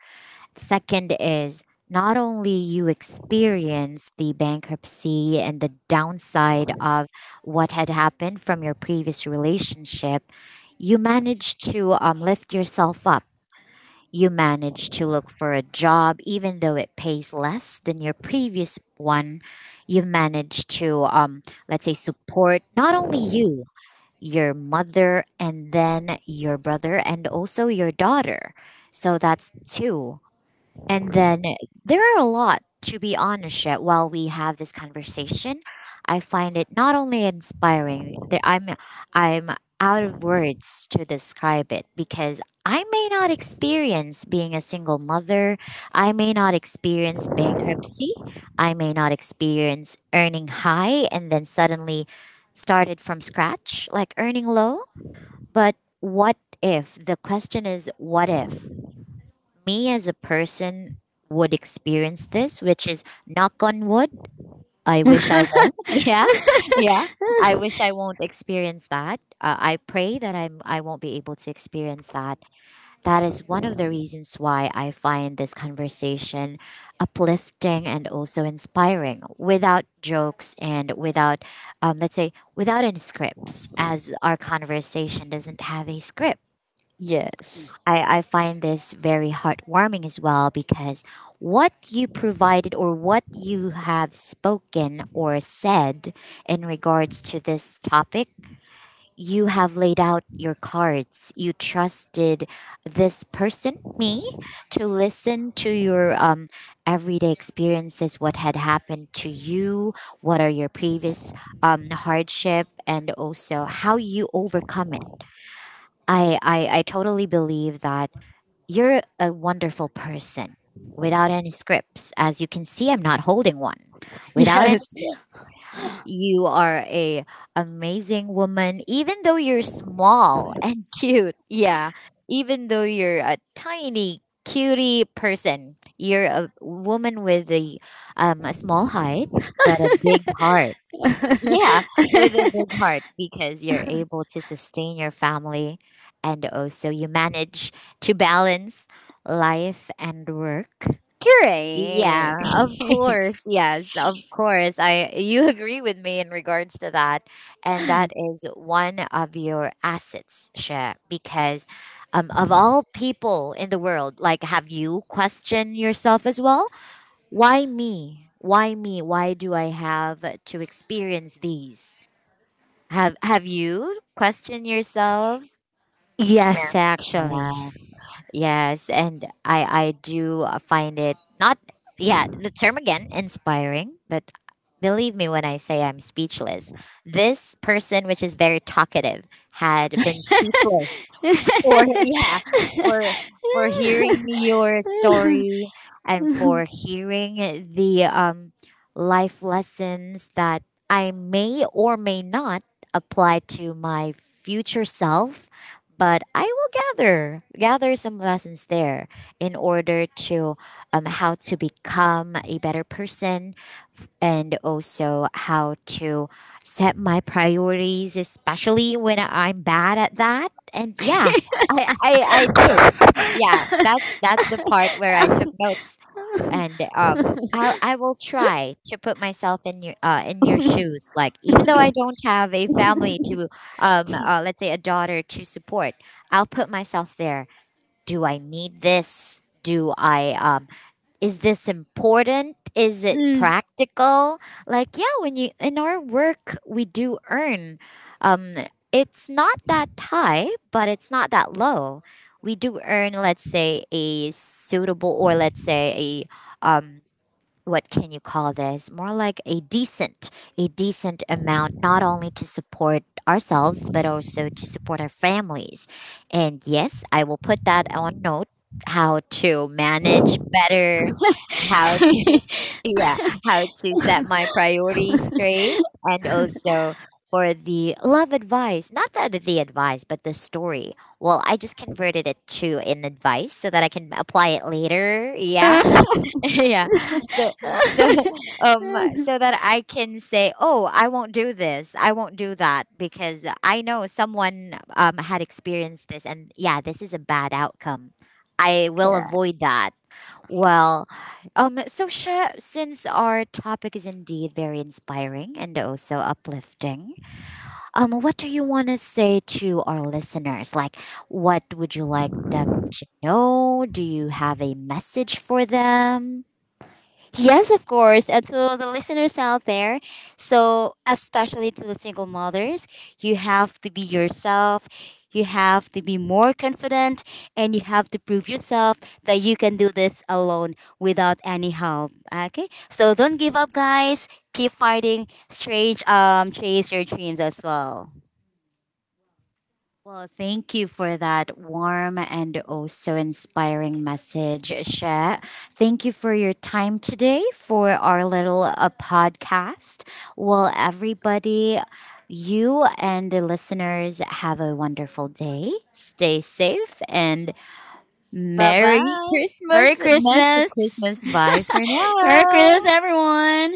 Speaker 1: Second is, not only you experience the bankruptcy and the downside of what had happened from your previous relationship, you manage to lift yourself up. You manage to look for a job, even though it pays less than your previous one. You've managed to, let's say, support not only you, your mother, and then your brother, and also your daughter. So that's two. And then there are a lot, to be honest, yet while we have this conversation, I find it not only inspiring, that I'm out of words to describe it because I may not experience being a single mother, I may not experience bankruptcy, I may not experience earning high and then suddenly started from scratch, like earning low. But what if? The question is what if me as a person would experience this, which is knock on wood. I wish I won't. Yeah, yeah. I wish I won't experience that. I pray that I'm. I won't be able to experience that. That is one of the reasons why I find this conversation uplifting and also inspiring. Without jokes and without, let's say, without any scripts, as our conversation doesn't have a script.
Speaker 2: Yes.
Speaker 1: I find this very heartwarming as well because what you provided or what you have spoken or said in regards to this topic, you have laid out your cards. You trusted this person, me, to listen to your everyday experiences, what had happened to you, what are your previous hardship, and also how you overcome it. I totally believe that you're a wonderful person. Without any scripts, as you can see, I'm not holding one. Without any
Speaker 2: Yes.
Speaker 1: script, you are a amazing woman, even though you're small and cute. Yeah, even though you're a tiny cutie person, you're a woman with a small height but a big heart. Yeah, with a big heart because you're able to sustain your family and also you manage to balance life and work.
Speaker 2: Correct.
Speaker 1: Yeah, of course. Yes, of course. I you agree with me in regards to that. And that is one of your assets, Sha, because of all people in the world, like have you questioned yourself as well? Why me? Why me? Why do I have to experience these? Have you questioned yourself?
Speaker 2: Yes, actually.
Speaker 1: Yeah. Yes, and I do find it not, yeah, the term again inspiring, but believe me when I say I'm speechless. This person which is very talkative had been speechless for, yeah, for for hearing your story and for hearing the life lessons that I may or may not apply to my future self, but I will gather some lessons there in order to, how to become a better person and also how to set my priorities, especially when I'm bad at that. And yeah, I did, yeah, that's the part where I took notes. And I will try to put myself in your shoes, like even though I don't have a family to, let's say, a daughter to support, I'll put myself there. Do I need this? Do I is this important? Is it
Speaker 2: Mm.
Speaker 1: practical? Like yeah, when you in our work, we do earn, um it's not that high but it's not that low. We do earn, let's say, a suitable, or let's say a, um what can you call this, more like a decent, a decent amount, not only to support ourselves but also to support our families. And yes, I will put that on note, how to manage better, how to yeah, how to set my priorities straight. And also for the love advice, not that the advice but the story, well I just converted it to an advice so that I can apply it later. Yeah. Yeah. So so so that I can say, oh, I won't do this, I won't do that, because I know someone had experienced this and yeah, this is a bad outcome. I will
Speaker 2: Correct.
Speaker 1: avoid that. Well, so Sha, since our topic is indeed very inspiring and also uplifting, what do you want to say to our listeners? Like what would you like them to know? Do you have a message for them?
Speaker 2: Yes, of course. And to the listeners out there, so especially to the single mothers, you have to be yourself. You have to be more confident and you have to prove yourself that you can do this alone without any help. Okay? So don't give up, guys. Keep fighting. Strange, chase your dreams as well.
Speaker 1: Well, thank you for that warm and also inspiring message, She. Thank you for your time today for our little podcast. Well, everybody, you and the listeners have a wonderful day. Stay safe and
Speaker 2: Bye
Speaker 1: Merry
Speaker 2: bye.
Speaker 1: Christmas. Merry
Speaker 2: Merry
Speaker 1: Christmas. Merry
Speaker 2: Christmas.
Speaker 1: Christmas. Bye for
Speaker 2: Merry
Speaker 1: now.
Speaker 2: Christmas, everyone.